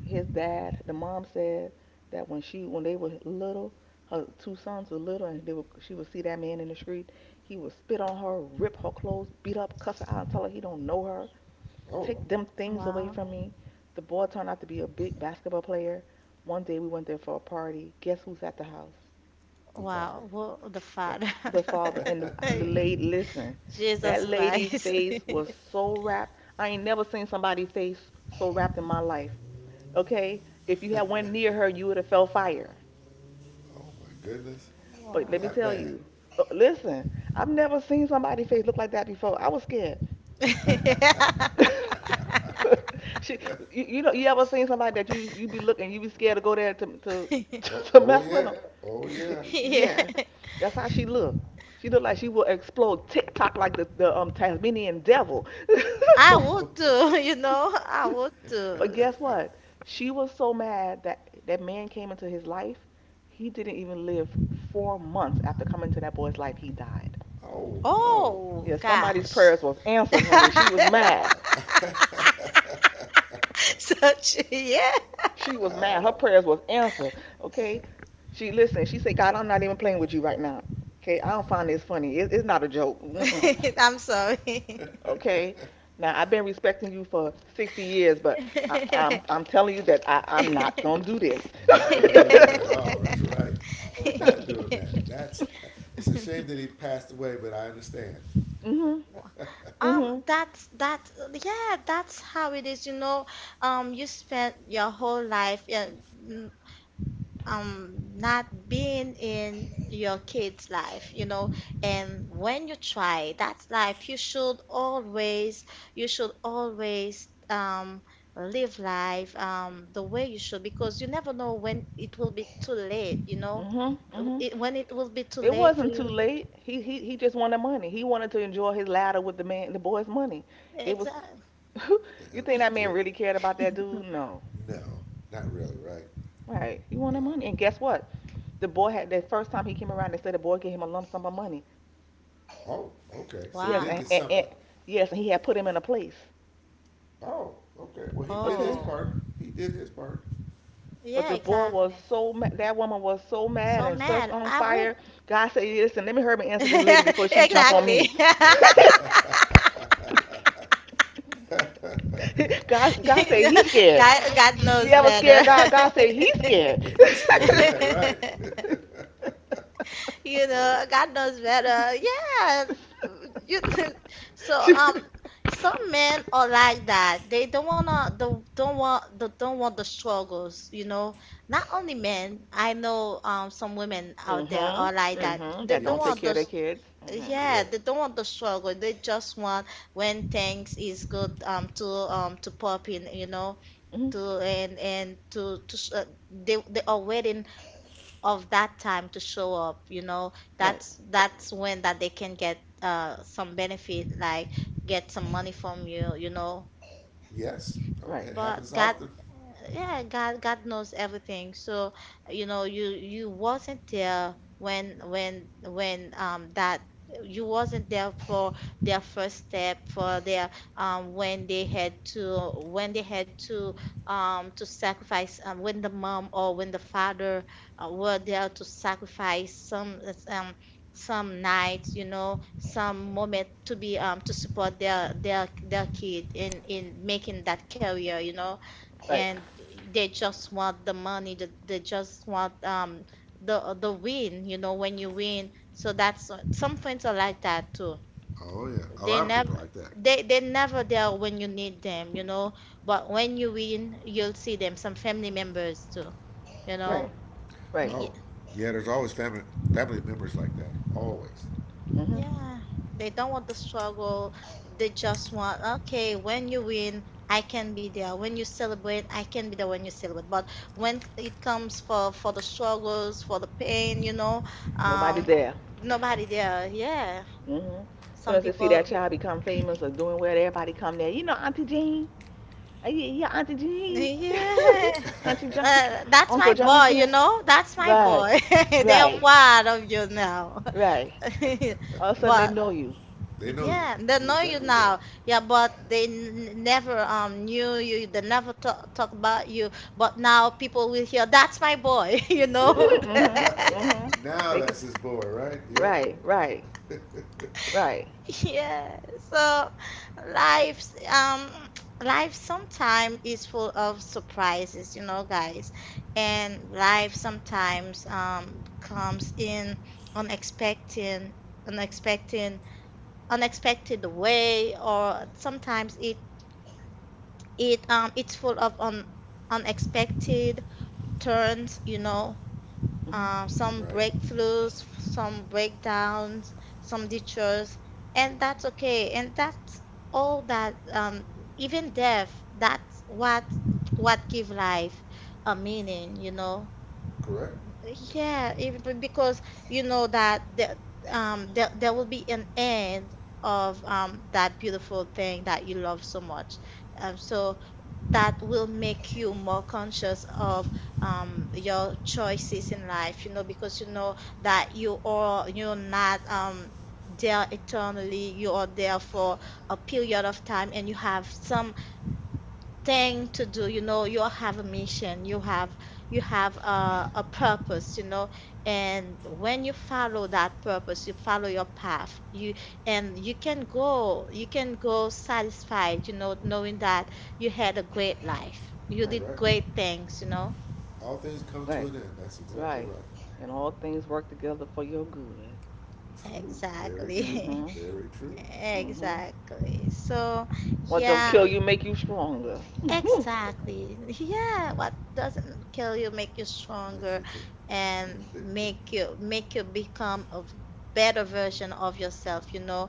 S2: his dad. The mom said that when they were little, her two sons were little, and she would see that man in the street. He would spit on her, rip her clothes, beat up, cuss her out, and tell her he don't know her.
S3: Oh,
S2: Take them things away
S1: Wow.
S2: from me. The boy turned out to be a big basketball player. One day we went there for a party. Guess who's at the house?
S3: the father.
S1: Wow. Whoa, the father.
S2: The father and the lady, listen,
S1: Jesus
S2: that lady
S1: Christ.
S2: face was so wrapped. I ain't never seen somebody face so wrapped in my life. Okay, if you had went near her, you would have felt fire.
S3: Oh my goodness.
S2: But let me
S1: Wow.
S3: That
S2: tell
S3: bad.
S2: you, listen, I've never seen somebody face look like that before. I was scared. she, you ever seen somebody that you be looking, you be scared to go there to
S1: Yeah.
S3: Oh,
S2: to
S3: oh
S2: mess with
S3: yeah.
S2: them?
S3: Oh yeah.
S1: Yeah.
S2: Yeah, that's how she look. She look like she will explode TikTok like the Tasmanian devil.
S1: I would too, you know, I would
S2: But
S1: too.
S2: guess what? She was so mad that that man came into his life. He didn't even live 4 months after coming into that boy's life. He died.
S3: Oh no.
S1: Oh,
S2: Yeah, somebody's
S1: gosh.
S2: prayers was answered, honey. She was
S3: Oh
S2: mad.
S3: my.
S1: Such, yeah.
S2: She was mad. Her
S3: No.
S2: prayers was answered. Okay. She listen. She said, "God, I'm not even playing with you right now. Okay. I don't find this funny. It's not a joke. Mm-mm.
S1: I'm sorry.
S2: Okay. Now I've been respecting you for 60 years, but I'm telling you that I'm not gonna do this."
S3: Not gonna do that at all. That's right. Not doing that. That's. It's a shame that he passed away, but I understand.
S2: Mhm.
S1: Wha-
S2: Mhm.
S1: That's that. Yeah, that's how it is. You know, you spend your whole life. Yeah, mm, not being in your kid's life, you know, and when you try, that's life. You should always live life the way you should, because you never know when it will be too late, you know,
S2: Mhm. Mhm.
S1: when it will be too
S2: It
S1: late for
S2: wasn't
S1: you.
S2: too late. He just wanted money. He wanted to enjoy his ladder with the man, the boy's money. It was.
S1: Exactly.
S2: You think that man
S3: yeah.
S2: really cared about that dude? No.
S3: No. Not really. Right.
S2: Right. He
S3: Uh,
S2: wanted money. And guess what? The boy had the first time he came around, they said the boy gave him a lump sum of money.
S3: oh. Okay. So he
S2: Yes,
S3: did get
S1: Wow.
S3: something.
S2: and yes, and he had put him in a place.
S3: Oh. Okay. Well, he did his
S2: Okay?
S1: Oh
S3: part. He did his part.
S2: But
S1: yeah,
S2: the boy was
S1: exactly.
S2: so mad. That woman was so mad
S1: So
S2: and such
S1: mad,
S2: on
S1: I would.
S2: fire. God said, listen, let me hurry and answer this lady before she jump on
S1: Exactly.
S2: me. God said he's scared.
S1: God,
S2: You
S1: knows
S2: ever
S1: better.
S2: scared God? God said he's scared.
S3: He's scared of that, right?
S1: You know, God knows better. Yeah. You, so some men are like that. They don't wanna the don't want the struggles, you know. Not only men, I know some women out there are
S2: Mm-hmm.
S1: like that.
S2: Mm-hmm.
S1: They
S2: That
S1: don't
S2: don't take
S3: Yes,
S1: want
S2: care of
S1: the,
S2: their kids. Mm-hmm.
S1: yeah,
S3: correct.
S1: they don't want the struggle. They just want when things is good to pop in, you know,
S2: Mm-hmm.
S1: to and to to sh- they are waiting of that time to show up, you know,
S2: Right.
S1: that's when that they can get some benefit, like get some money from you, you know,
S3: Yes, oh,
S2: Right.
S3: it
S1: but
S3: happens
S1: God.
S3: often.
S1: Yeah, God knows everything, so you know you you wasn't there when when that you wasn't there for their first step, for their when they had to when they had to to sacrifice, when the mom or when the father were there to sacrifice um some nights, you know, some moment to be to support their kid in making that career, you know,
S2: Right.
S1: and they just want the money that they just want the win, you know, when you win. So that's, some friends are like that too.
S3: Oh yeah, a
S1: They
S3: lot of people
S1: never
S3: like that.
S1: they they never there when you need them, you know, but when you win, you'll see them. Some family members too, you
S2: Right.
S3: Correct.
S1: know.
S2: Right.
S3: Oh, yeah. There's always family members like that. Always,
S2: Mm-hmm.
S1: Yeah, they don't want the struggle. They just want, okay, when you win, I can be there. When you celebrate, I can be there when you celebrate. But when it comes for the struggles, for the pain, you know,
S2: Nobody
S1: um,
S2: there.
S1: nobody there. Yeah,
S2: Mm-hmm. Soon
S1: some
S2: as they see that
S1: people.
S2: child become famous or doing well, everybody come there. You know, Auntie Jean. Yeah, yeah, Auntie Jean.
S1: Yeah,
S2: Auntie John.
S1: that's my
S2: Uncle
S1: boy. You
S2: Johnson.
S1: know, that's my
S2: Right.
S1: boy. They are
S2: Right.
S1: proud of you now.
S2: Right. All of a sudden they
S1: But
S2: know you.
S3: they know you,
S1: yeah, they
S3: know
S1: know you
S3: exactly who
S1: now. Yeah, but they n never knew you. They never talk about you. But now people will hear, "That's my boy," you
S3: you
S1: know.
S3: are.
S2: Mm-hmm.
S3: right
S2: Mm-hmm.
S3: now,
S2: Fake
S3: that's
S2: it.
S3: his boy, right? Yep.
S2: Right. Right. Right.
S1: Yeah. So life's um life sometimes is full of surprises, you know, guys. And life sometimes comes in unexpected, unexpected, unexpected way, or sometimes it's full of un unexpected turns, you know,
S2: Mm-hmm.
S1: some
S3: right.
S1: breakthroughs, some breakdowns, some detours, and that's okay. And that's all that even death, that's what give life a meaning, you know.
S3: Correct.
S1: Yeah, because you know that there will be an end of that beautiful thing that you love so much. So that will make you more conscious of your choices in life, you know, because you know that you're not there eternally. You are there for a period of time, and you have some thing to do, you know, you have a mission, you have a purpose, you know, and when you follow that purpose, you follow your path, you, and you can go, you can go satisfied, you know, knowing that you had a great life, you did
S2: Right.
S3: Correct.
S1: great things, you know.
S3: All things come to
S2: Right.
S3: an end. That's exactly
S2: Right.
S3: right.
S2: And all things work together for your good.
S3: True. Very true.
S1: Exactly.
S2: Hmm.
S3: Very true.
S2: Hmm.
S1: Exactly, so
S2: What don't
S1: yeah.
S2: kill you make you stronger. Mhm.
S1: Exactly. Yeah, what doesn't kill you make you
S3: Makes
S1: stronger,
S3: you true.
S1: and make you become a better version of yourself, you know.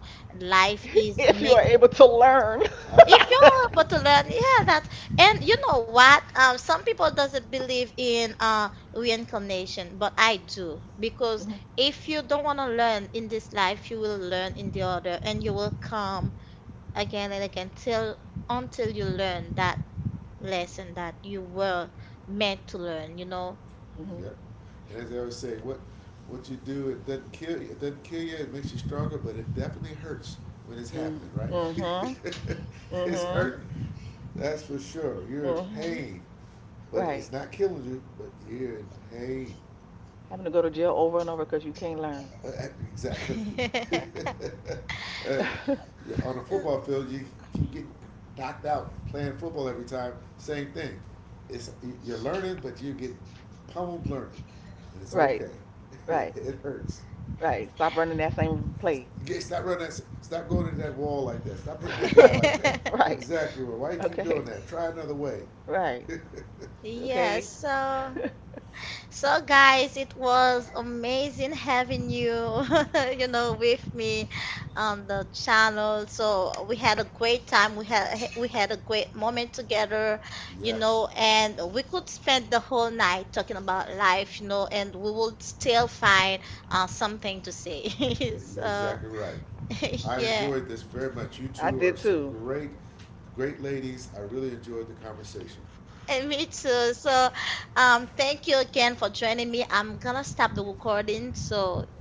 S1: Life is
S2: If you
S1: made.
S2: are able to learn.
S3: I.
S1: If
S2: Hmm.
S1: you're
S3: It,
S1: able to learn, yeah, that. And you know what? Some people doesn't believe in reincarnation, but I do, because if you don't want to learn in this life, you will learn in the other, and you will come again and again till until you learn that lesson that you were meant to learn, you know?
S2: Hmm.
S3: yep. And as I always say, what you do it doesn't kill you. It doesn't kill you. It makes you stronger, but it definitely hurts when it's
S2: Hmm.
S3: happening. Right?
S2: Hmm.
S3: it's hurting. That's for sure. You're in
S2: Hmm.
S3: pain, but
S2: Right.
S3: it's not killing you. But you're in pain.
S2: Having to go to jail over and over because you can't learn.
S3: Uh, Exactly. and on a football field, you keep getting knocked out playing football every time. Same thing. It's you're learning, but you get pummeled learning, and it's
S2: Right.
S3: okay.
S2: Right.
S3: it hurts.
S2: Right. Stop running that same play.
S3: Get, stop running. That, stop going into that wall like that. Stop hitting that guy like that.
S2: Right.
S3: Exactly. Well, why you keep doing
S2: Okay.
S3: that? Try another way.
S2: Right.
S1: Yes,
S2: Okay.
S1: so so guys, it was amazing having you, you know, with me on the channel. So we had a great time. We had a great moment together, you
S3: yes.
S1: know, and we could spend the whole night talking about life, you know, and we would still find something to say.
S3: You're
S1: So
S3: exactly right. I
S1: yeah.
S3: enjoyed this very much. You
S2: I
S3: two are
S2: did
S3: some
S2: too.
S3: great, great ladies. I really enjoyed the conversation.
S1: And me too. So, thank you again for joining me. I'm gonna stop the recording. So,